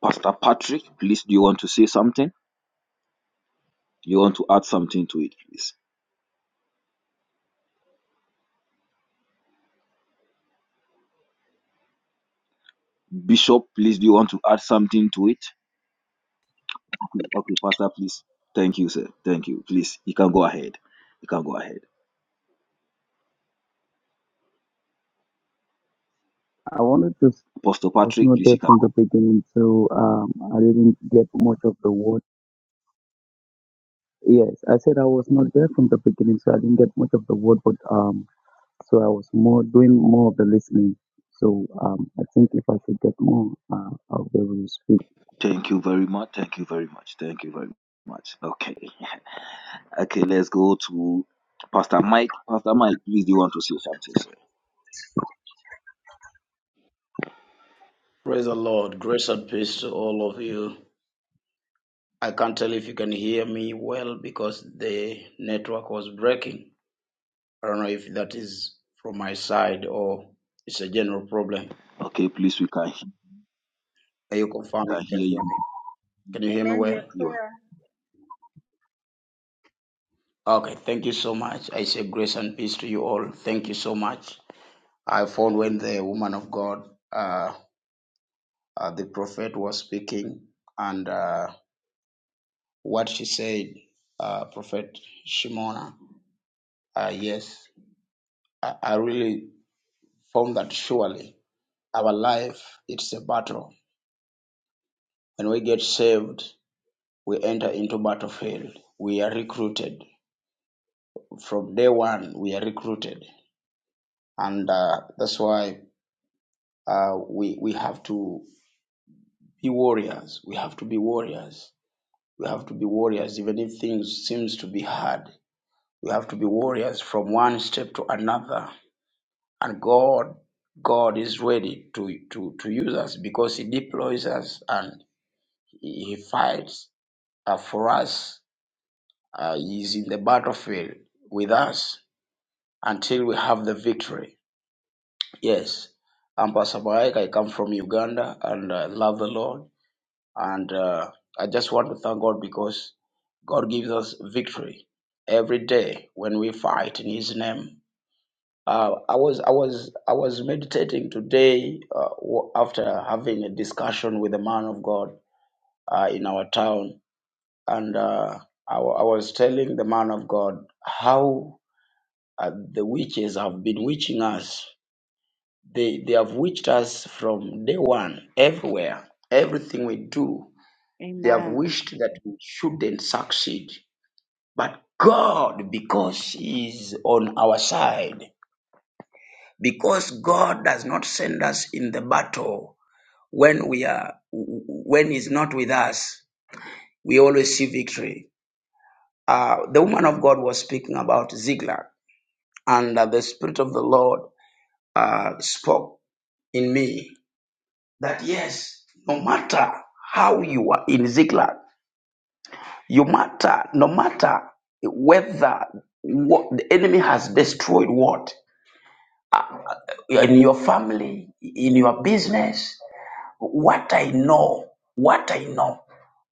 B: Pastor Patrick, please. Do you want to say something? Do you want to add something to it, please? Bishop, please. Do you want to add something to it? Okay, okay, Pastor, please. Thank you, sir. Thank you. Please, you can go ahead. You can go ahead.
H: I wanted to s-
B: Apostle
H: was
B: Patrick,
H: not
B: please,
H: there
B: you can
H: from the
B: go.
H: beginning, so um, I didn't get much of the word. Yes, I said I was not there from the beginning, so I didn't get much of the word. But um, so I was more doing more of the listening. So um, I think if I should get more, uh, I'll be able to speak.
B: Thank you very much. Thank you very much. Thank you very much. Okay. Okay, let's go to Pastor Mike. Pastor Mike, please, do you want to say something, sir?
F: Praise the Lord. Grace and peace to all of you. I can't tell if you can hear me well because the network was breaking. I don't know if that is from my side or it's a general problem.
B: Okay, please, we can, he- we
F: Can you confirm if
B: can
F: you can
B: hear
F: hear
B: you.
F: me? Can you hear me
C: Amen. You're
F: well?
B: You are
C: clear.
F: Okay, thank you so much. I say grace and peace to you all. Thank you so much. I found when the woman of God, uh, uh, the prophet, was speaking and uh, what she said, uh, Prophet Shimona Uh, yes, I, I really found that surely our life it's a battle. When we get saved, we enter into battlefield. We are recruited from day one. We are recruited, and uh, that's why uh, we we have to be warriors. We have to be warriors. We have to be warriors, even if things seems to be hard. We have to be warriors from one step to another. And God, God is ready to, to, to use us because He deploys us and He He fights uh, for us. Uh, he is in the battlefield with us until we have the victory. Yes, I'm Pastor Mike. I come from Uganda and I love the Lord. And uh, I just want to thank God because God gives us victory every day when we fight in His name Uh, I was I was I was meditating today uh, wa- after having a discussion with a man of God uh, in our town, and uh, I, wa- I was telling the man of God how uh, the witches have been witching us. They they have witched us from day one, everywhere, everything we do. They have
A: Amen.
F: wished that we shouldn't succeed, but God, because He is on our side because God does not send us in the battle when we are when He's not with us. We always see victory. Uh, the woman of God was speaking about Ziglar, and uh, the Spirit of the Lord uh, spoke in me that yes, no matter how you are in Ziglar, you matter. No matter whether what the enemy has destroyed, what in your family, in your business. What I know, what I know.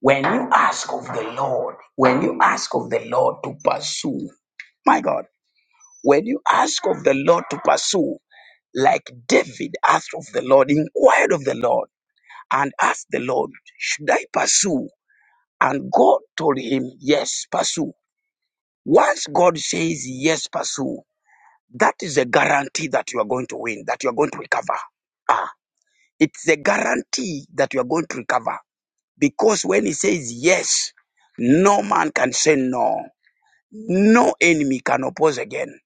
F: When you ask of the Lord, when you ask of the Lord to pursue, my God, when you ask of the Lord to pursue, like David asked of the Lord, inquired of the Lord, and asked the Lord, Should I pursue? And God told him, Yes, pursue. Once God says, Yes, pursue, that is a guarantee that you are going to win, that you are going to recover. Ah, it's a guarantee that you are going to recover. Because when he says yes, no man can say no. No enemy can oppose again.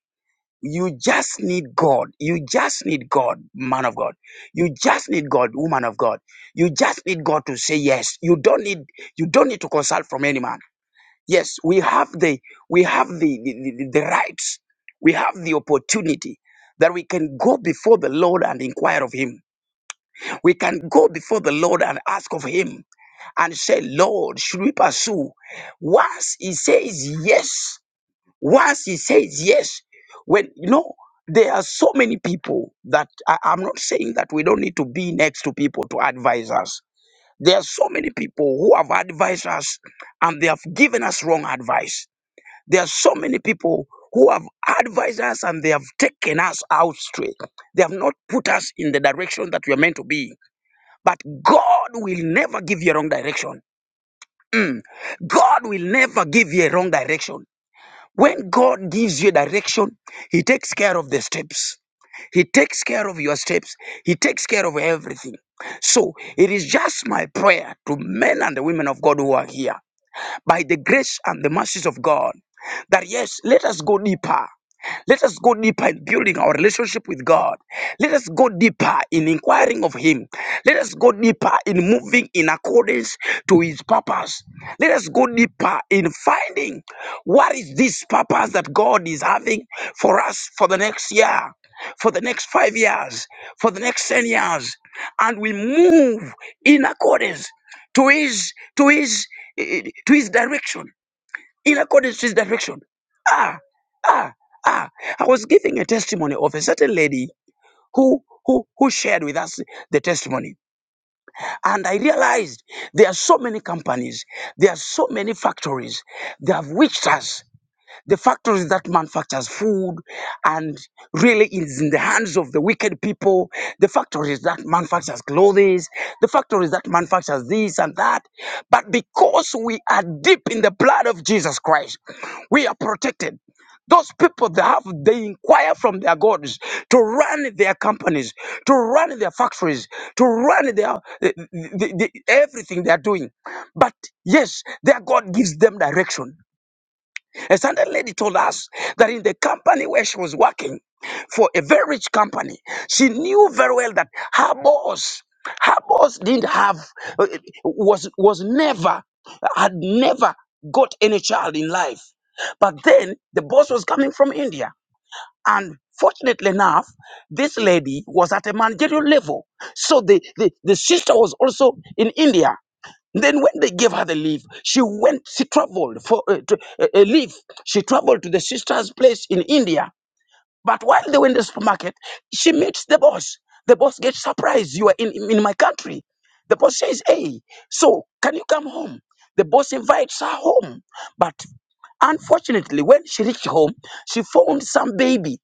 F: You just need God. You just need God, man of God. You just need God, woman of God. You just need God to say yes. You don't need you don't need to consult from any man. Yes, we have the we have the the, the, the rights. We have the opportunity that we can go before the Lord and inquire of him. We can go before the Lord and ask of Him and say, Lord, should we pursue? Once He says yes, once He says yes, when you know, there are so many people that I, I'm not saying that we don't need to be next to people to advise us. There are so many people who have advised us and they have given us wrong advice. There are so many people who have advised us and they have taken us out straight. They have not put us in the direction that we are meant to be but God will never give you a wrong direction. Mm. God will never give you a wrong direction. When God gives you direction, He takes care of the steps. He takes care of your steps. He takes care of everything. So it is just my prayer to men and the women of God who are here, by the grace and the mercies of God, that yes, let us go deeper. Let us go deeper in building our relationship with God. Let us go deeper in inquiring of Him. Let us go deeper in moving in accordance to His purpose. Let us go deeper in finding what is this purpose that God is having for us for the next year, for the next five years, for the next ten years. And we move in accordance to His to His eh, eh, to His direction in accordance to his direction. Ah, ah, ah. I was giving a testimony of a certain lady who who who shared with us the testimony. And I realized there are so many companies, there are so many factories, they have witched us the factories that manufactures food and really is in the hands of the wicked people. The factories that manufactures clothes. The factories that manufactures this and that. But because we are deep in the blood of Jesus Christ, we are protected. Those people they have they inquire from their gods to run their companies, to run their factories, to run their the, the, the- everything they are doing. But yes, their God gives them direction. And Sunday lady told us that in the company where she was working for a very rich company, she knew very well that her boss, her boss didn't have, uh, was was never, had never got any child in life. But then the boss was coming from India. And fortunately enough, this lady was at a managerial level. So the, the, the sister was also in India. Then when they gave her the leave, she went, she traveled for uh, to, uh, a leave. She traveled to the sister's place in India. But while they were in the supermarket, she meets the boss. The boss gets surprised. You are in, in my country. The boss says, hey, so can you come home? The boss invites her home. But unfortunately, when she reached home, she found some baby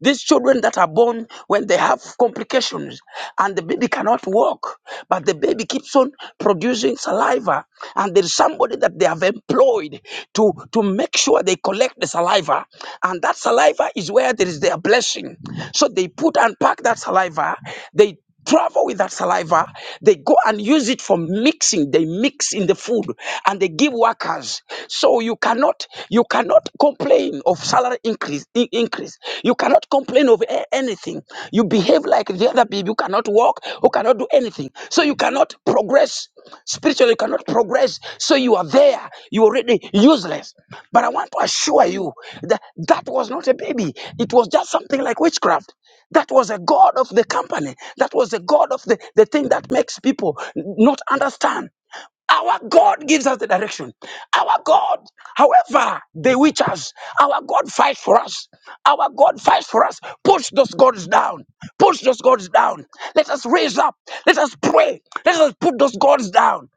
F: these children that are born when they have complications and the baby cannot walk, but the baby keeps on producing saliva, and there's somebody that they have employed to, to make sure they collect the saliva, and that saliva is where there is their blessing. So they put and pack that saliva, they travel with that saliva. They go and use it for mixing. They mix in the food and they give workers. So you cannot you cannot complain of salary increase in- increase. You cannot complain of a- anything. You behave like the other people. You cannot work. You cannot do anything. So you cannot progress. Spiritually, you cannot progress. So you are there. You're already useless. But I want to assure you that that was not a baby. It was just something like witchcraft. That was a god of the company. That was a god of the, the thing that makes people not understand. Our God gives us the direction. Our God, however, they witch us. Our God fights for us. Our God fights for us. Push those gods down. Push those gods down. Let us raise up. Let us pray. Let us put those gods down.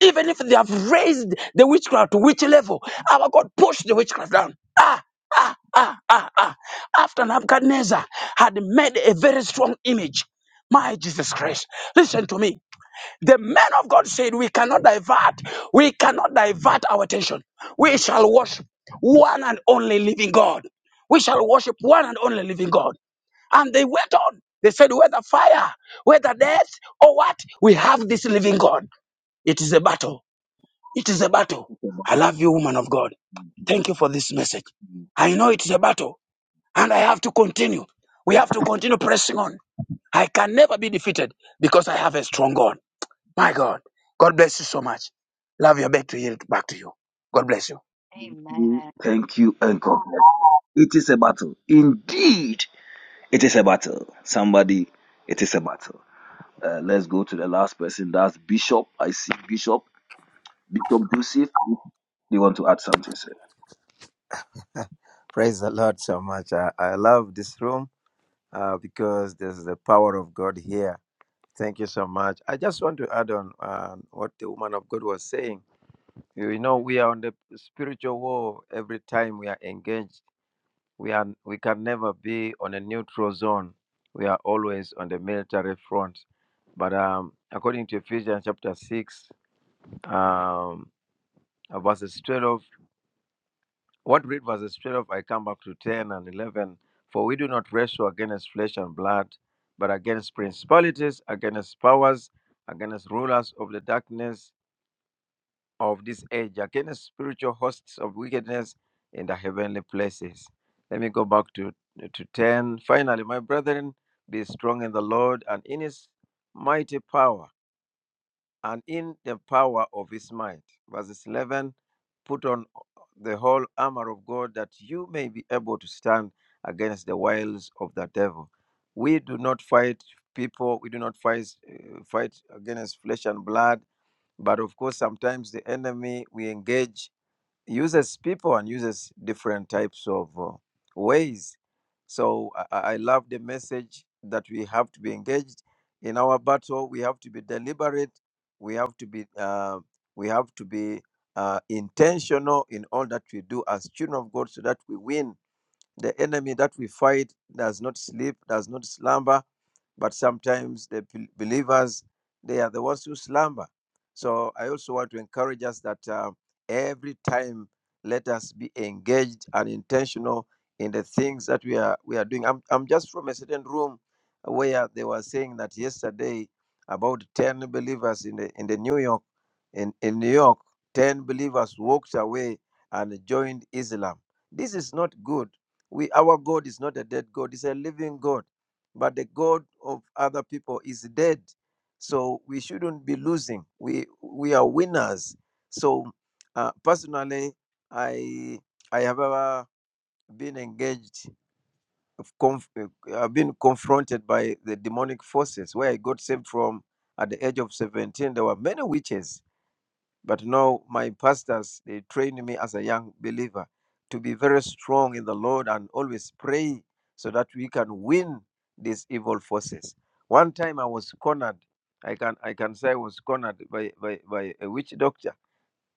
F: Even if they have raised the witchcraft to which level, our God push the witchcraft down. Ah, ah, ah, ah, ah. After Nebuchadnezzar had made a very strong image, my Jesus Christ, listen to me. The men of God said, We cannot divert, we cannot divert our attention. We shall worship one and only living God. We shall worship one and only living God. And they went on. They said, Whether fire, whether death, or what, we have this living God. It is a battle. It is a battle.
B: talking about
F: I love you, woman of God. Thank you for this message. I know it is a battle, and I have to continue. We have to continue pressing on. I can never be defeated because I have a strong God. My God. God bless you so much. Love your back to yield back to you. God bless you.
B: you.
A: Amen.
B: Thank you, and God bless you. It is a battle. Indeed, it is a battle. Somebody, it is a battle. Uh, let's go to the last person. That's Bishop. I see Bishop. Bishop Joseph. Do you want to add something, sir?
I: Praise the Lord so much. I, I love this room uh, because there's the power of God here. Thank you so much. I just want to add on uh, what the woman of God was saying. You know, we are on the spiritual war every time we are engaged. We are we can never be on a neutral zone. We are always on the military front. But um, according to Ephesians chapter six, um, verses 12 What read was the spirit of I come back to 10 and 11. For we do not wrestle against flesh and blood, but against principalities, against powers, against rulers of the darkness of this age, against spiritual hosts of wickedness in the heavenly places. Let me go back to, to 10. Finally, my brethren, be strong in the Lord and in his mighty power and in the power of his might. Verses 11 Put on uh, the whole armor of God that you may be able to stand against the wiles of the devil. We do not fight people, we do not fight, uh, fight against flesh and blood, but of course, sometimes the enemy we engage uses people and uses different types of uh, ways. So I, I I love the message that we have to be engaged in our battle. We have to be deliberate. We have to be uh, we have to be uh, intentional in all that we do as children of God, so that we win. The enemy that we fight does not sleep, does not slumber but sometimes the believers they are the ones who slumber so i also want to encourage us that uh, every time let us be engaged and intentional in the things that we are we are doing i'm, I'm just from a certain room where they were saying that yesterday about 10 believers in the in the new york in, in new york 10 believers walked away and joined islam this is not good we our god is not a dead god he's a living god but the god of other people is dead so we shouldn't be losing we we are winners so uh, personally i i have ever been engaged conf- uh, i've been confronted by the demonic forces where i got saved from at the age of 17 there were many witches but now my pastors, they trained me as a young believer to be very strong in the Lord and always pray so that we can win these evil forces. One time I was cornered. I can I can say I was cornered by, by, by a witch doctor.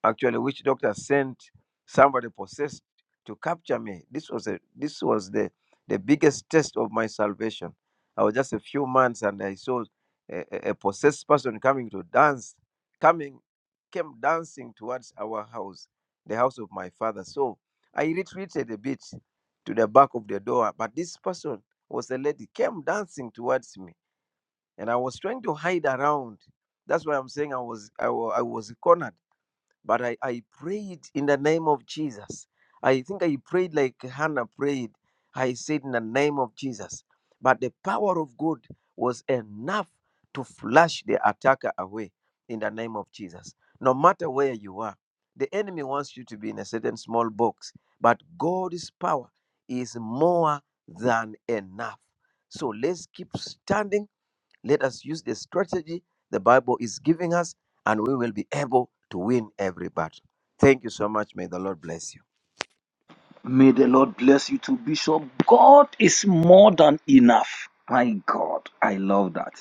I: Actually, witch doctor sent somebody possessed to capture me. This was a this was the the biggest test of my salvation. I was just a few months, and I saw a, a a possessed person coming to dance, coming came dancing towards our house, the house of my father. So I retreated a bit to the back of the door, but this person was a lady, came dancing towards me, and I was trying to hide around. That's why I'm saying I was I, wa- I was cornered. But I, I prayed in the name of Jesus. I think I prayed like Hannah prayed. I said in the name of Jesus. But the power of God was enough to flush the attacker away in the name of Jesus. No matter where you are, the enemy wants you to be in a certain small box, but God's power is more than enough. So let's keep standing let us use the strategy the Bible is giving us, and we will be able to win every battle. Thank you so much. May the Lord bless you.
B: May the Lord bless you too, Bishop. God is more than enough. My God, I love that.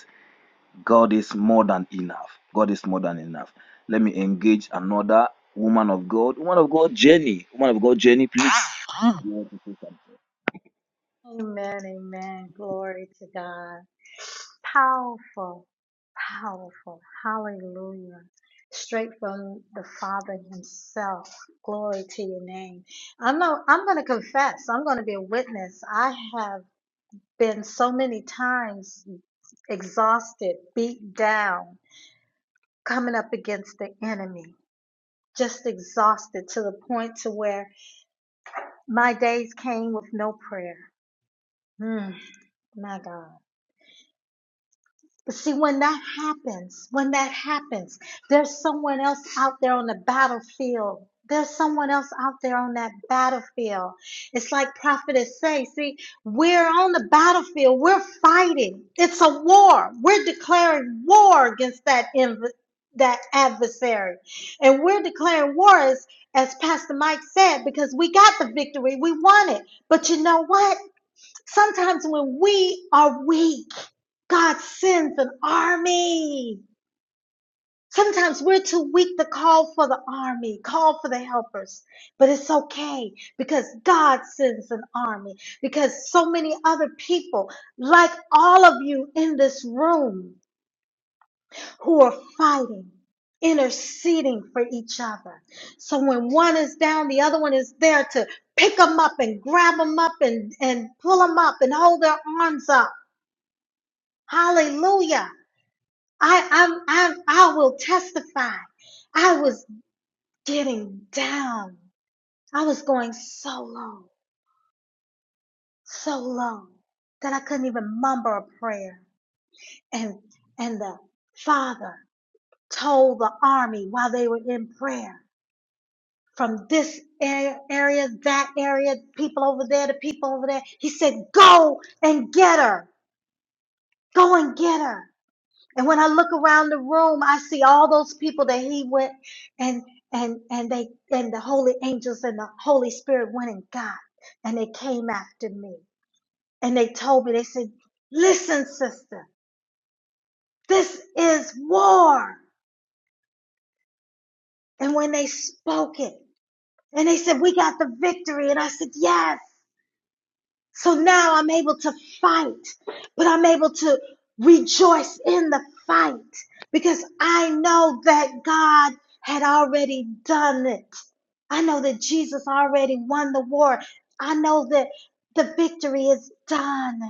B: God is more than enough. God is more than enough. Let me engage another woman of God. Woman of God, Jenny. Woman of God, Jenny, please.
C: Amen, amen. Glory to God. Powerful, powerful. Hallelujah. Straight from the Father Himself. Glory to your name. I'm not, I'm going to confess. I'm going to be a witness. I have been so many times exhausted, beat down, coming up against the enemy, just exhausted to the point to where my days came with no prayer. Mm, my God. But see, when that happens, when that happens, there's someone else out there on the battlefield. There's someone else out there on that battlefield. It's like prophetess say, see, we're on the battlefield. We're fighting. It's a war. We're declaring war against that inv- that adversary. And we're declaring war as, as Pastor Mike said, because we got the victory. We won it. But you know what? Sometimes when we are weak, God sends an army. Sometimes we're too weak to call for the army, call for the helpers. But it's okay because God sends an army. Because so many other people, like all of you in this room, who are fighting, interceding for each other. So when one is down, the other one is there to pick them up and grab them up and, and pull them up and hold their arms up Hallelujah. I, I'm, I'm, I will testify. I was getting down. I was going so low, so low that I couldn't even mumble a prayer. And, and the father told the army while they were in prayer from this a- area, that area, people over there, the people over there. He said, go and get her. Go and get her. And when I look around the room, I see all those people that he went and and and they and the holy angels and the Holy Spirit went and got and they came after me. And they told me, they said, Listen, sister, this is war. And when they spoke it, and they said, We got the victory. And I said, Yes. So now I'm able to fight, but I'm able to rejoice in the fight because I know that God had already done it. I know that Jesus already won the war. I know that the victory is done.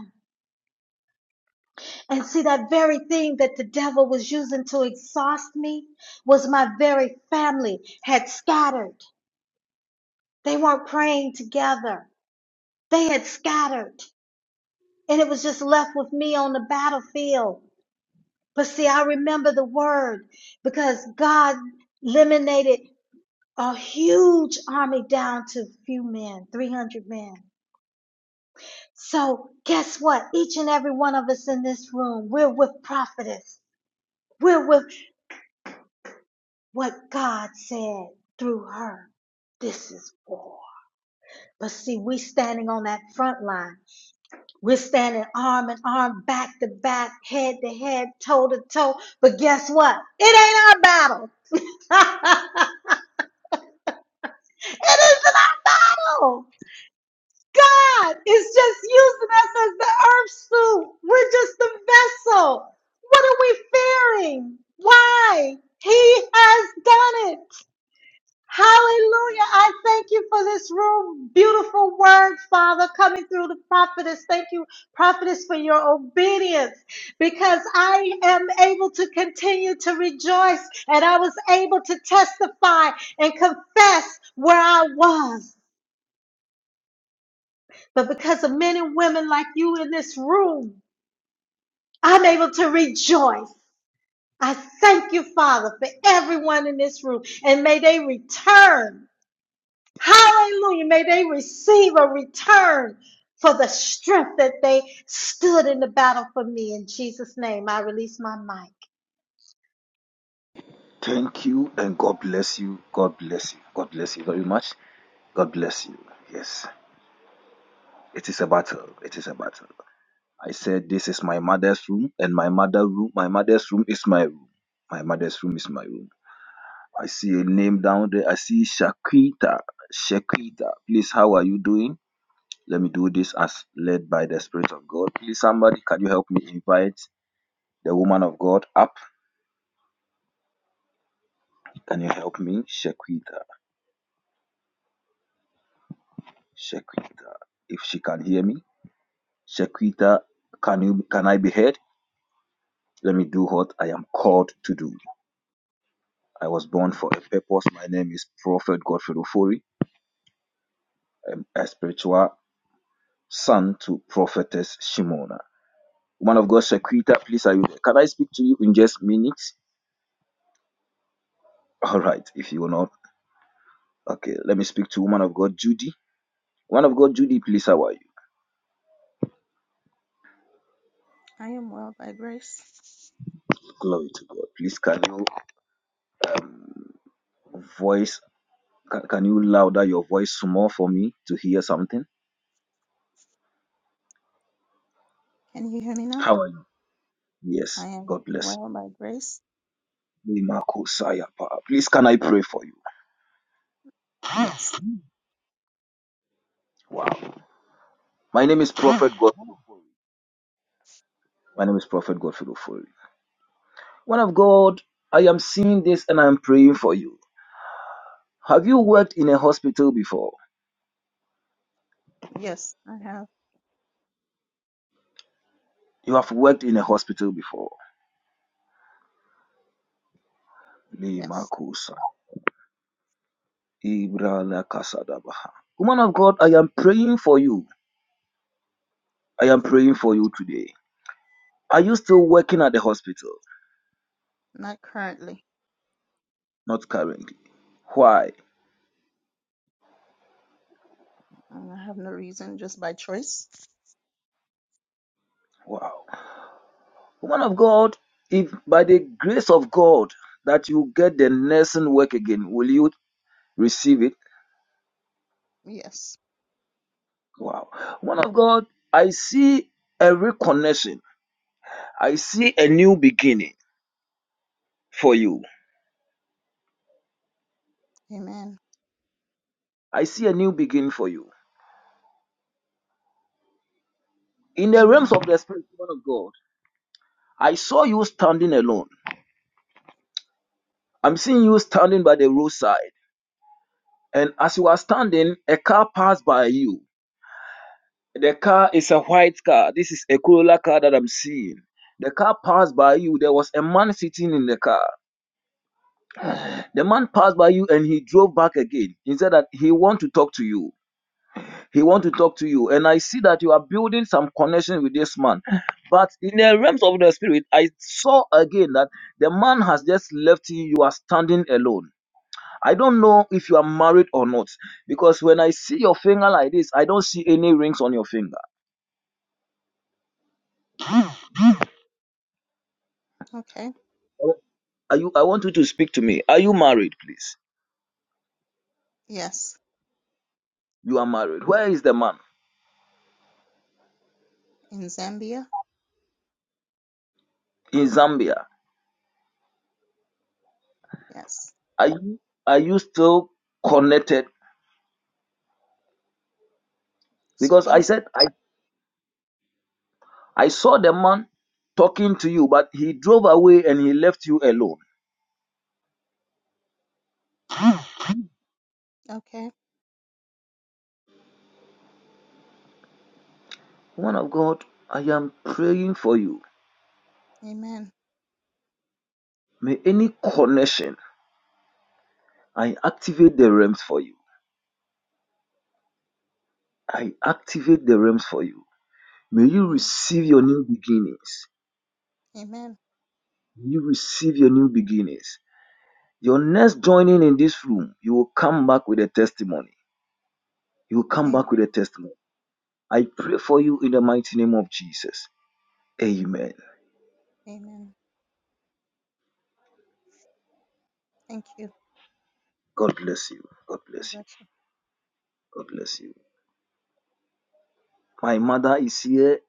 C: And see, that very thing that the devil was using to exhaust me was my very family had scattered. They weren't praying together, they had scattered. and it was just left with me on the battlefield. But see, I remember the word because God eliminated a huge army down to a few men, 300 men. So guess what? Each and every one of us in this room, we're with prophetess. We're with what God said through her. This is war. But see, we standing on that front line. We're standing arm in arm, back to back, head to head, toe to toe. But guess what? It ain't our battle. it isn't our battle. God is just using us as the earth suit. We're just the vessel. What are we fearing? Why? He has done it. Hallelujah. I thank you for this room. Beautiful word, Father, coming through the prophetess. Thank you, prophetess, for your obedience because I am able to continue to rejoice and I was able to testify and confess where I was. But because of men and women like you in this room, I'm able to rejoice. I thank you, Father, for everyone in this room and may they return Hallelujah. May they receive a return for the strength that they stood in the battle for me. In Jesus' name, I release my mind.
B: Thank you and God bless you. God bless you. God bless you very much. God bless you. Yes. It is a battle. It is a battle. I said this is my mother's room and my mother room my mother's room is my room. My mother's room is my room. I see a name down there. I see Shakita. Shakita. Please, how are you doing? Let me do this as led by the Spirit of God. Please, somebody, can you help me invite the woman of God up? Can you help me? Shequita. Shequita. If she can hear me. Shequita, can you can I be heard? Let me do what I am called to do. I was born for a purpose. My name is Prophet Godfrey Ofori. I'm a spiritual son to Prophetess Shimona. Woman of God, Shequita, please, are you there? Can I speak to you in just minutes? All right, if you will not. Okay, let me speak to woman of God, Judy. One of God, Judy, please, how are you?
G: I am well by grace.
B: Glory to God. Please, can you um, voice, can, can you louder your voice some more for me to hear something?
G: Can you hear me now?
B: How are you? Yes,
G: I am
B: God bless
G: well by grace.
B: you. Limakosaya pa. Please, can I pray for you?
G: Yes.
B: Wow. My name is Prophet God. My name is Prophet Godfrey Ofori. One of God, I am seeing this and I am praying for you. Have you worked in a hospital before?
G: Yes, I have.
B: You have worked in a hospital before.
G: Yes.
B: Limakosa. Ibra la Kasadabaha. Woman of God, I am praying for you I am praying for you today. Are you still working at the hospital?
G: Not currently.
B: Not currently. Why?
G: Uh, I have no reason, just by choice.
B: Wow. Woman of God, if by the grace of God that you get the nursing work again, will you receive it?
G: Yes.
B: Wow. Woman of God, I see a reconnection. I see a new beginning for you.
G: Amen.
B: I see a new beginning for you. In the realms
G: Amen.
B: of the spirit, woman of God, I saw you standing alone. I'm seeing you standing by the roadside. And as you are standing, a car passed by you. The car is a white car. This is a Corolla car that I'm seeing. The car passed by you. There was a man sitting in the car. The man passed by you and he drove back again. He said that he want to talk to you. He want to talk to you. And I see that you are building some connection with this man. But in the realms of the spirit, I saw again that the man has just left you. You are standing alone. I don't know if you are married or not because when I see your finger like this, I don't see any rings on your finger.
G: Okay.
B: Are you? I want you to speak to me. Are you married, please?
G: Yes.
B: You are married. Where is the man?
G: In Zambia.
B: In Zambia.
G: Yes.
B: Are you? Are you still connected? Because I
G: Suppose.
B: said I I saw the man talking to you, but he drove away and he left you alone.
G: Okay.
B: One of God, I am praying for you.
G: Amen.
B: May any connection, I activate the realms for you. I activate the realms for you. May you
G: Amen.
B: receive your new beginnings.
G: Amen.
B: May you receive your new beginnings. Your next joining in this room, you will come back with a testimony. You will come
G: Amen.
B: back with a testimony. I pray for you in the mighty name of Jesus. Amen.
G: Amen. Thank you.
B: God bless you. God
G: God
B: bless you.
G: bless you.
B: God bless you. My mother is here.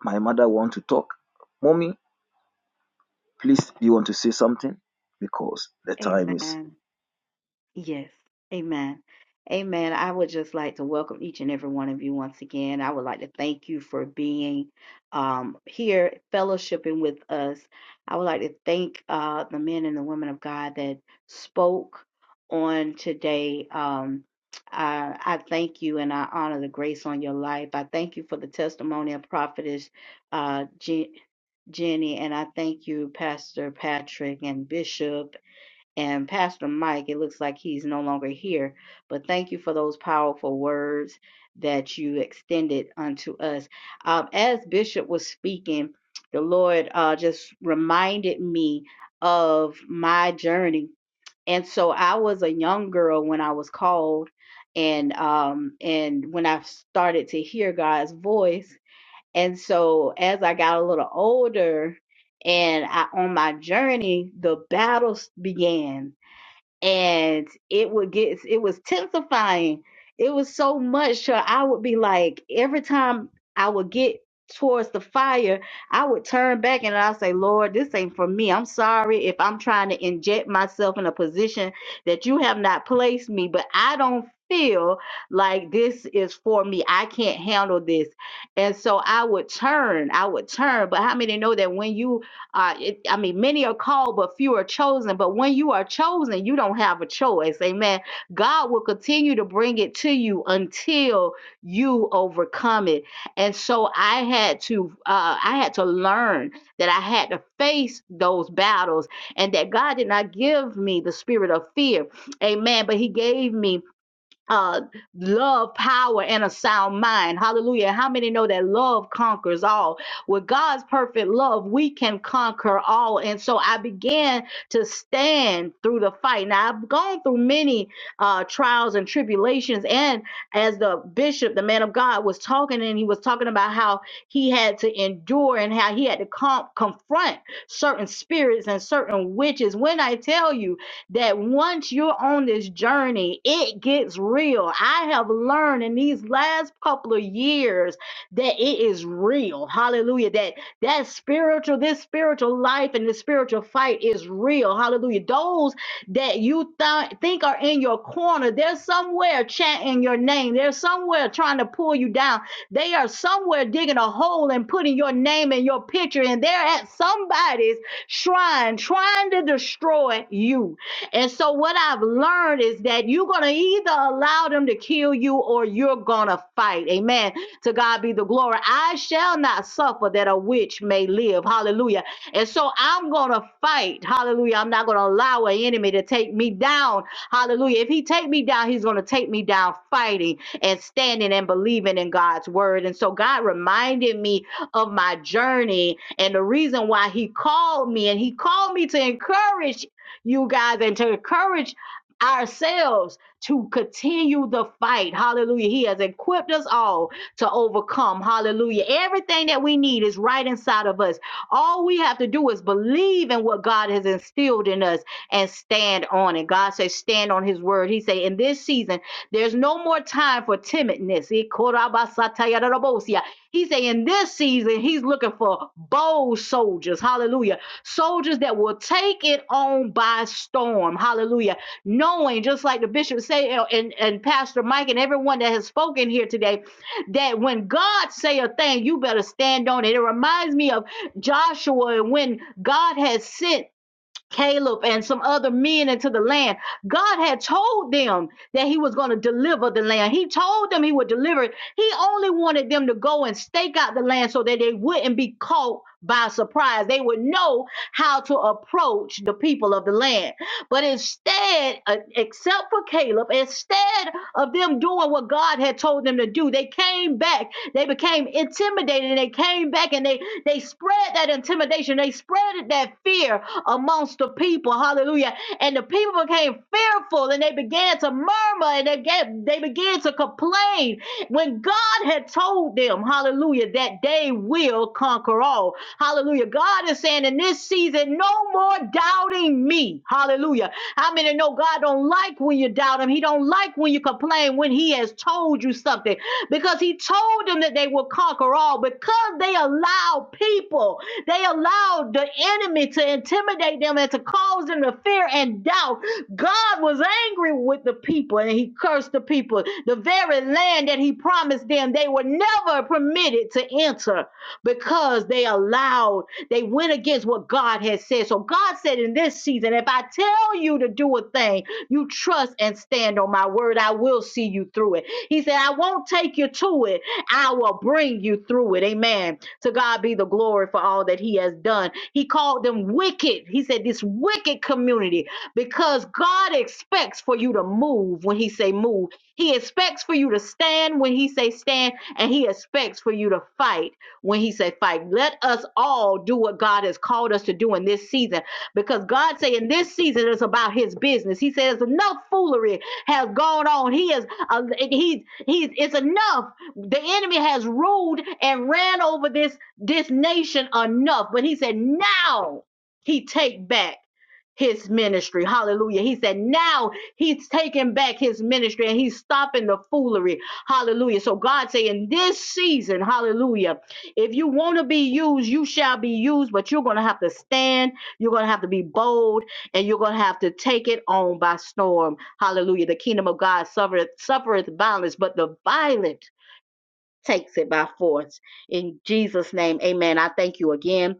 B: My mother want to talk. Mommy, please, you want to say something? Because the time is.
A: Amen. Yes. Amen. Amen. I would just like to welcome each and every one of you once again. I would like to thank you for being um, here, fellowshipping with us. I would like to thank uh, the men and the women of God that spoke on today. Um, I, I thank you and I honor the grace on your life. I thank you for the testimony of prophetess uh, Je- Jenny, and I thank you, Pastor Patrick and Bishop and Pastor Mike, it looks like he's no longer here, but thank you for those powerful words that you extended unto us. Um, as Bishop was speaking, the Lord uh, just reminded me of my journey. And so I was a young girl when I was called, and um, and when I started to hear God's voice. And so as I got a little older, and I, on my journey, the battles began and it would get it was tensifying it was so much so i would be like every time i would get towards the fire i would turn back and i'll say lord this ain't for me i'm sorry if i'm trying to inject myself in a position that you have not placed me but i don't feel like this is for me i can't handle this and so i would turn i would turn but how many know that when you uh, it, I mean, many are called, but few are chosen. But when you are chosen, you don't have a choice. Amen. God will continue to bring it to you until you overcome it. And so I had to, uh, I had to learn that I had to face those battles, and that God did not give me the spirit of fear. Amen. But He gave me uh, love, power, and a sound mind. Hallelujah. How many know that love conquers all? With God's perfect love, we can conquer all. And so I began to stand through the fight. Now, I've gone through many uh, trials and tribulations. And as the bishop, the man of God, was talking, and he was talking about how he had to endure and how he had to com- confront certain spirits and certain witches. When I tell you, that once you're on this journey, it gets real. I have learned in these last couple of years that it is real. Hallelujah. That that spiritual, this spiritual life and the spiritual fight is real. Hallelujah. Those that you th- think are in your corner, they're somewhere chanting your name. They're somewhere trying to pull you down. They are somewhere digging a hole and putting your name and your picture, and they're at somebody's shrine trying to destroy you. And so, what I've learned is that you're going to either allow them to kill you or you're going to fight. Amen. To God be the glory. I shall not suffer that a witch may live. Hallelujah. And so, I'm going to fight. Hallelujah. I'm not going to allow an enemy to take me down. Hallelujah. If he take me down, he's going to take me down fighting and standing and believing in God's word. And so, God reminded me of my journey and the reason why he called me and he called me to encourage you guys and to encourage ourselves to continue the fight. Hallelujah. He has equipped us all to overcome. Hallelujah. Everything that we need is right inside of us. All we have to do is believe in what God has instilled in us and stand on it. God says, stand on his word. He say, in this season, there's no more time for timidness. He say, in this season, he's looking for bold soldiers. Hallelujah soldiers that will take it on by storm. Hallelujah. Knowing, just like the bishop say uh, and, and Pastor Mike and everyone that has spoken here today, that when God say a thing, you better stand on it. It reminds me of Joshua and when God has sent Caleb and some other men into the land. God had told them that he was going to deliver the land. He told them he would deliver it. He only wanted them to go and stake out the land so that they wouldn't be caught by surprise. They would know how to approach the people of the land. But instead, uh, except for Caleb, instead of them doing what God had told them to do, they came back. They became intimidated and they came back and they, they spread that intimidation. They spread that fear amongst the people. Hallelujah. And the people became fearful and they began to murmur and they, get, they began to complain when God had told them, hallelujah, that they will conquer all. Hallelujah. God is saying in this season, no more doubting me. Hallelujah. How many know God don't like when you doubt him? He don't like when you complain when he has told you something because he told them that they will conquer all because they allowed people they allowed the enemy to intimidate them and to cause them to fear and doubt. God was angry with the people and he cursed the people. The very land that he promised them, they were never permitted to enter because they allowed, they went against what God had said. So God said in this season, if I tell you to do a thing, you trust and stand on my word, I will see you through it. He said, I won't take you to it, I will bring you through it. Amen. To God be the glory for all that He has done. He called them wicked. He said, This wicked community, because God expects for you to move when He say move. He expects for you to stand when He say stand, and He expects for you to fight when He say fight. Let us all do what God has called us to do in this season, because God say in this season it's about His business. He says enough foolery has gone on. He is uh, he he's it's enough the enemy has ruled and ran over this this nation enough but he said now he take back his ministry hallelujah he said now he's taking back his ministry and he's stopping the foolery hallelujah so god say in this season hallelujah if you want to be used you shall be used but you're going to have to stand you're going to have to be bold and you're going to have to take it on by storm hallelujah the kingdom of god suffereth suffereth violence but the violent takes it by force. In Jesus' name, amen. I thank you again.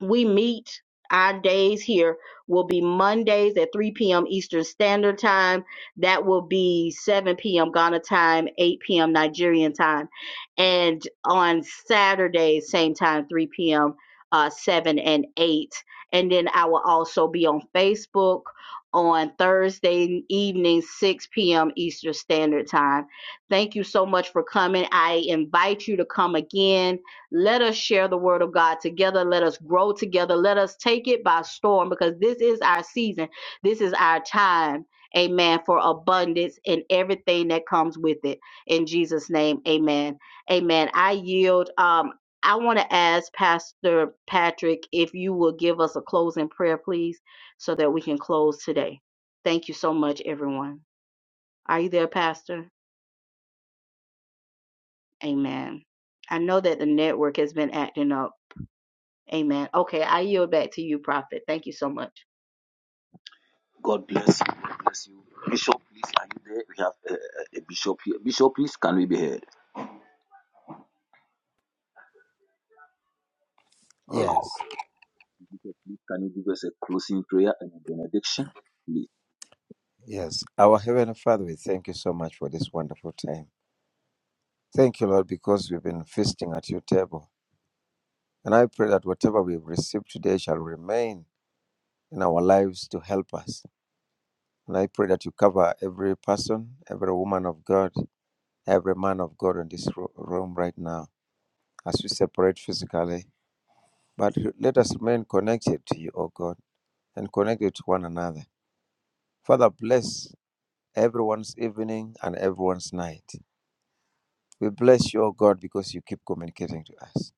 A: We meet. Our days here will be Mondays at 3 p.m. Eastern Standard Time. That will be 7 p.m. Ghana time, 8 p.m. Nigerian time. And on Saturdays, same time, 3 p.m., uh, 7 and 8. And then I will also be on Facebook on Thursday evening, 6 p.m. Eastern Standard Time Thank you so much for coming. I invite you to come again. Let us share the word of God together. Let us grow together. Let us take it by storm because this is our season. This is our time. Amen. For abundance and everything that comes with it. In Jesus' name, amen. Amen. I yield. Um, I want to ask Pastor Patrick if you will give us a closing prayer, please, so that we can close today. Thank you so much, everyone. Are you there, Pastor? Amen. I know that the network has been acting up. Amen. Okay, I yield back to you, Prophet. Thank you so much.
B: God bless you. God bless you. Bishop, please, are you there? We have a, a bishop here. Bishop, please, can we be heard? All right.
I: Yes,
B: Jesus, please can you give us a closing prayer and a benediction? Please.
I: yes. Our Heavenly Father, we thank you so much for this wonderful time. Thank you, Lord, because we've been feasting at your table. And I pray that whatever we've received today shall remain in our lives to help us. And I pray that you cover every person, every woman of God, every man of God in this ro- room right now as we separate physically. But let us remain connected to you, O God, and connected to one another. Father, bless everyone's evening and everyone's night. We bless you, O God, because you keep communicating to us.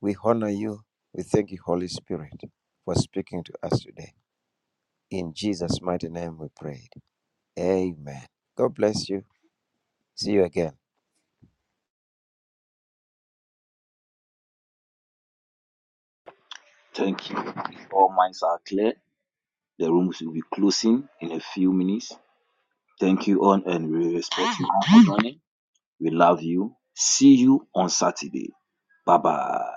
I: We honor you. We thank you, Holy Spirit, for speaking to us today. In Jesus' mighty name we prayed. Amen. God bless you. See you again.
B: Thank you. If all minds are clear, the rooms will be closing in a few minutes. Thank you all, and we respect you all for joining. We love you. See you on Saturday. Bye bye.